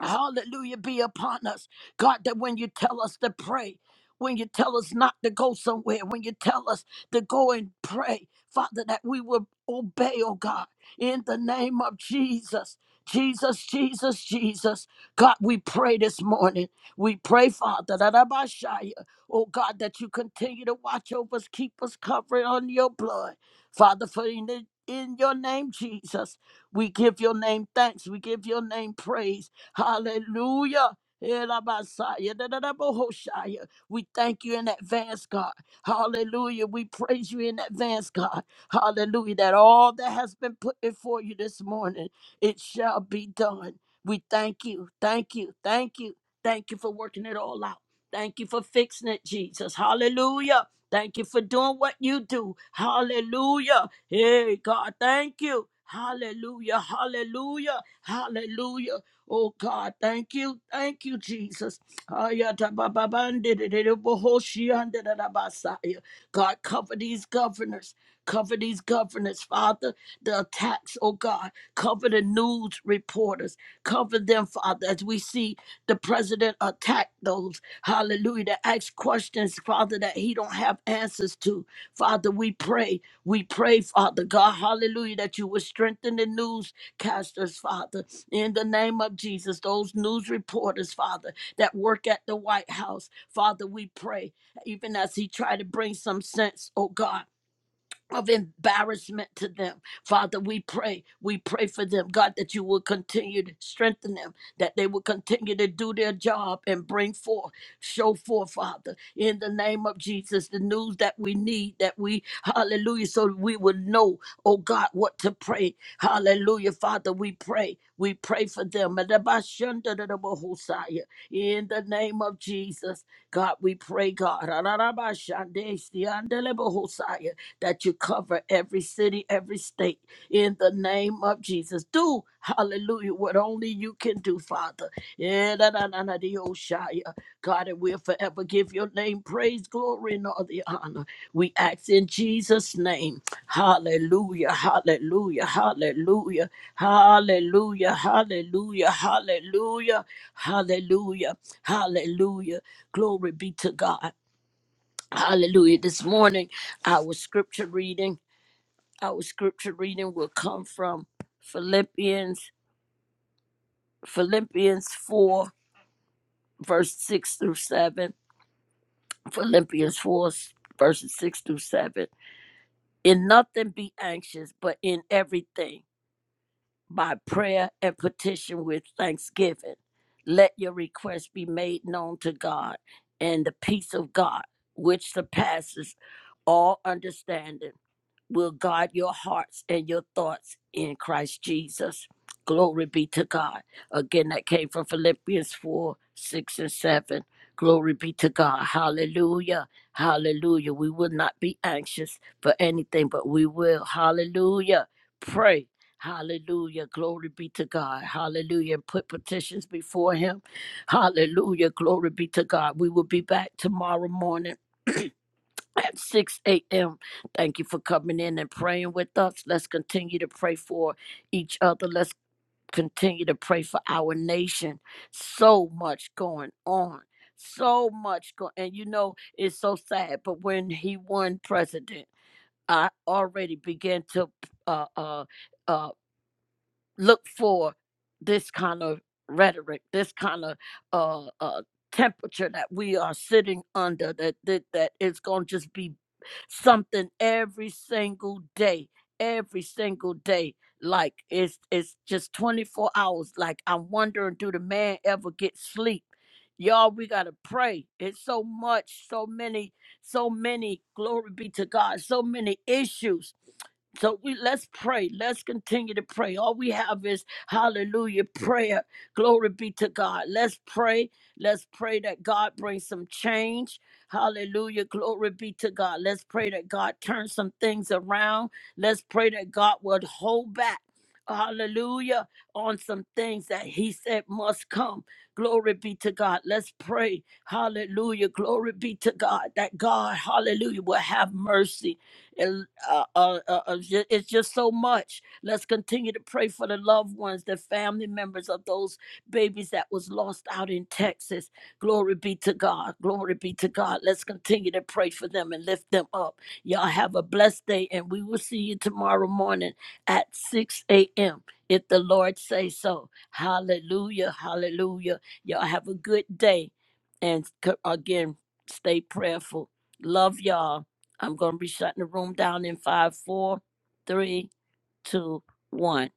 Hallelujah be upon us. God, that when you tell us to pray, when you tell us not to go somewhere, when you tell us to go and pray, Father, that we will obey, oh God, in the name of Jesus. Jesus, Jesus, Jesus. God, we pray this morning. We pray, Father, that Abashaya, oh God, that you continue to watch over us, keep us covered on your blood. Father, for in, in your name, Jesus, we give your name thanks. We give your name praise. Hallelujah. Elabasaya, dadadabohoshaya. We thank you in advance, God. Hallelujah. We praise you in advance, God. Hallelujah. That all that has been put before you this morning, it shall be done. We thank you. Thank you. Thank you. Thank you for working it all out. Thank you for fixing it, Jesus. Hallelujah. Thank you for doing what you do. Hallelujah. Hey, God, thank you. Hallelujah. Hallelujah. Hallelujah. Oh God, thank you, thank you, Jesus. Ayatabababandidididibohoshiandididabasaya. God, cover these governors, cover these governors, Father. The attacks, oh God, cover the news reporters, cover them, Father, as we see the president attack those, hallelujah, that ask questions, Father, that he don't have answers to. Father, we pray, we pray, Father God, hallelujah, that you would strengthen the news broadcasters, Father, in the name of Jesus, those news reporters, Father, that work at the White House, Father, we pray, even as He tried to bring some sense, oh God of embarrassment to them. Father, we pray. We pray for them, God, that you will continue to strengthen them, that they will continue to do their job and bring forth, show forth, Father, in the name of Jesus, the news that we need, that we, hallelujah, so we will know, oh God, what to pray. Hallelujah, Father, we pray. We pray for them. In the name of Jesus, God, we pray, God that you cover every city, every state in the name of Jesus. Do, hallelujah, what only you can do, Father. Yeah, da, da, da, da, dee, oh, Shia. God, and we'll forever give your name praise, glory, and all the honor. We ask in Jesus' name. Hallelujah, hallelujah, hallelujah, hallelujah, hallelujah, hallelujah, hallelujah, hallelujah. Glory be to God. Hallelujah. This morning, our scripture reading. Our scripture reading will come from Philippians Philippians 4 verse 6 through 7. Philippians 4 verses 6 through 7. In nothing be anxious, but in everything by prayer and petition with thanksgiving let your requests be made known to God, and the peace of God, which surpasses all understanding will guard your hearts and your thoughts in Christ Jesus. Glory be to God. Again, that came from Philippians 4 6 and 7. Glory be to God. Hallelujah. Hallelujah. We will not be anxious for anything, but we will. Hallelujah. Pray. Hallelujah. Glory be to God. Hallelujah. And put petitions before Him. Hallelujah. Glory be to God. We will be back tomorrow morning at 6 a.m. Thank you for coming in and praying with us. Let's continue to pray for each other. Let's continue to pray for our nation. So much going on. So much going and you know it's so sad, but when he won president, I already began to uh uh uh look for this kind of rhetoric, this kind of uh, uh, temperature that we are sitting under. That that, that it's going to just be something every single day, every single day. Like it's it's just twenty four hours. Like I'm wondering, do the man ever get sleep? Y'all, we gotta pray. It's so much, so many, so many. Glory be to God. So many issues so we let's pray. Let's continue to pray. All we have is hallelujah prayer. Glory be to God. Let's pray. Let's pray that God brings some change. Hallelujah. Glory be to God. Let's pray that God turns some things around. Let's pray that God would hold back. Hallelujah. On some things that he said must come. Glory be to God. Let's pray. Hallelujah. Glory be to God. That God, hallelujah, will have mercy and uh, uh, uh, uh, ju- it's just so much. Let's continue to pray for the loved ones, the family members of those babies that was lost out in Texas. Glory be to God. Glory be to God. Let's continue to pray for them and lift them up. Y'all have a blessed day, and we will see you tomorrow morning at 6 a.m. If the Lord say so. Hallelujah. Hallelujah. Y'all have a good day. And c- again, stay prayerful. Love y'all. I'm going to be shutting the room down in five, four, three, two, one.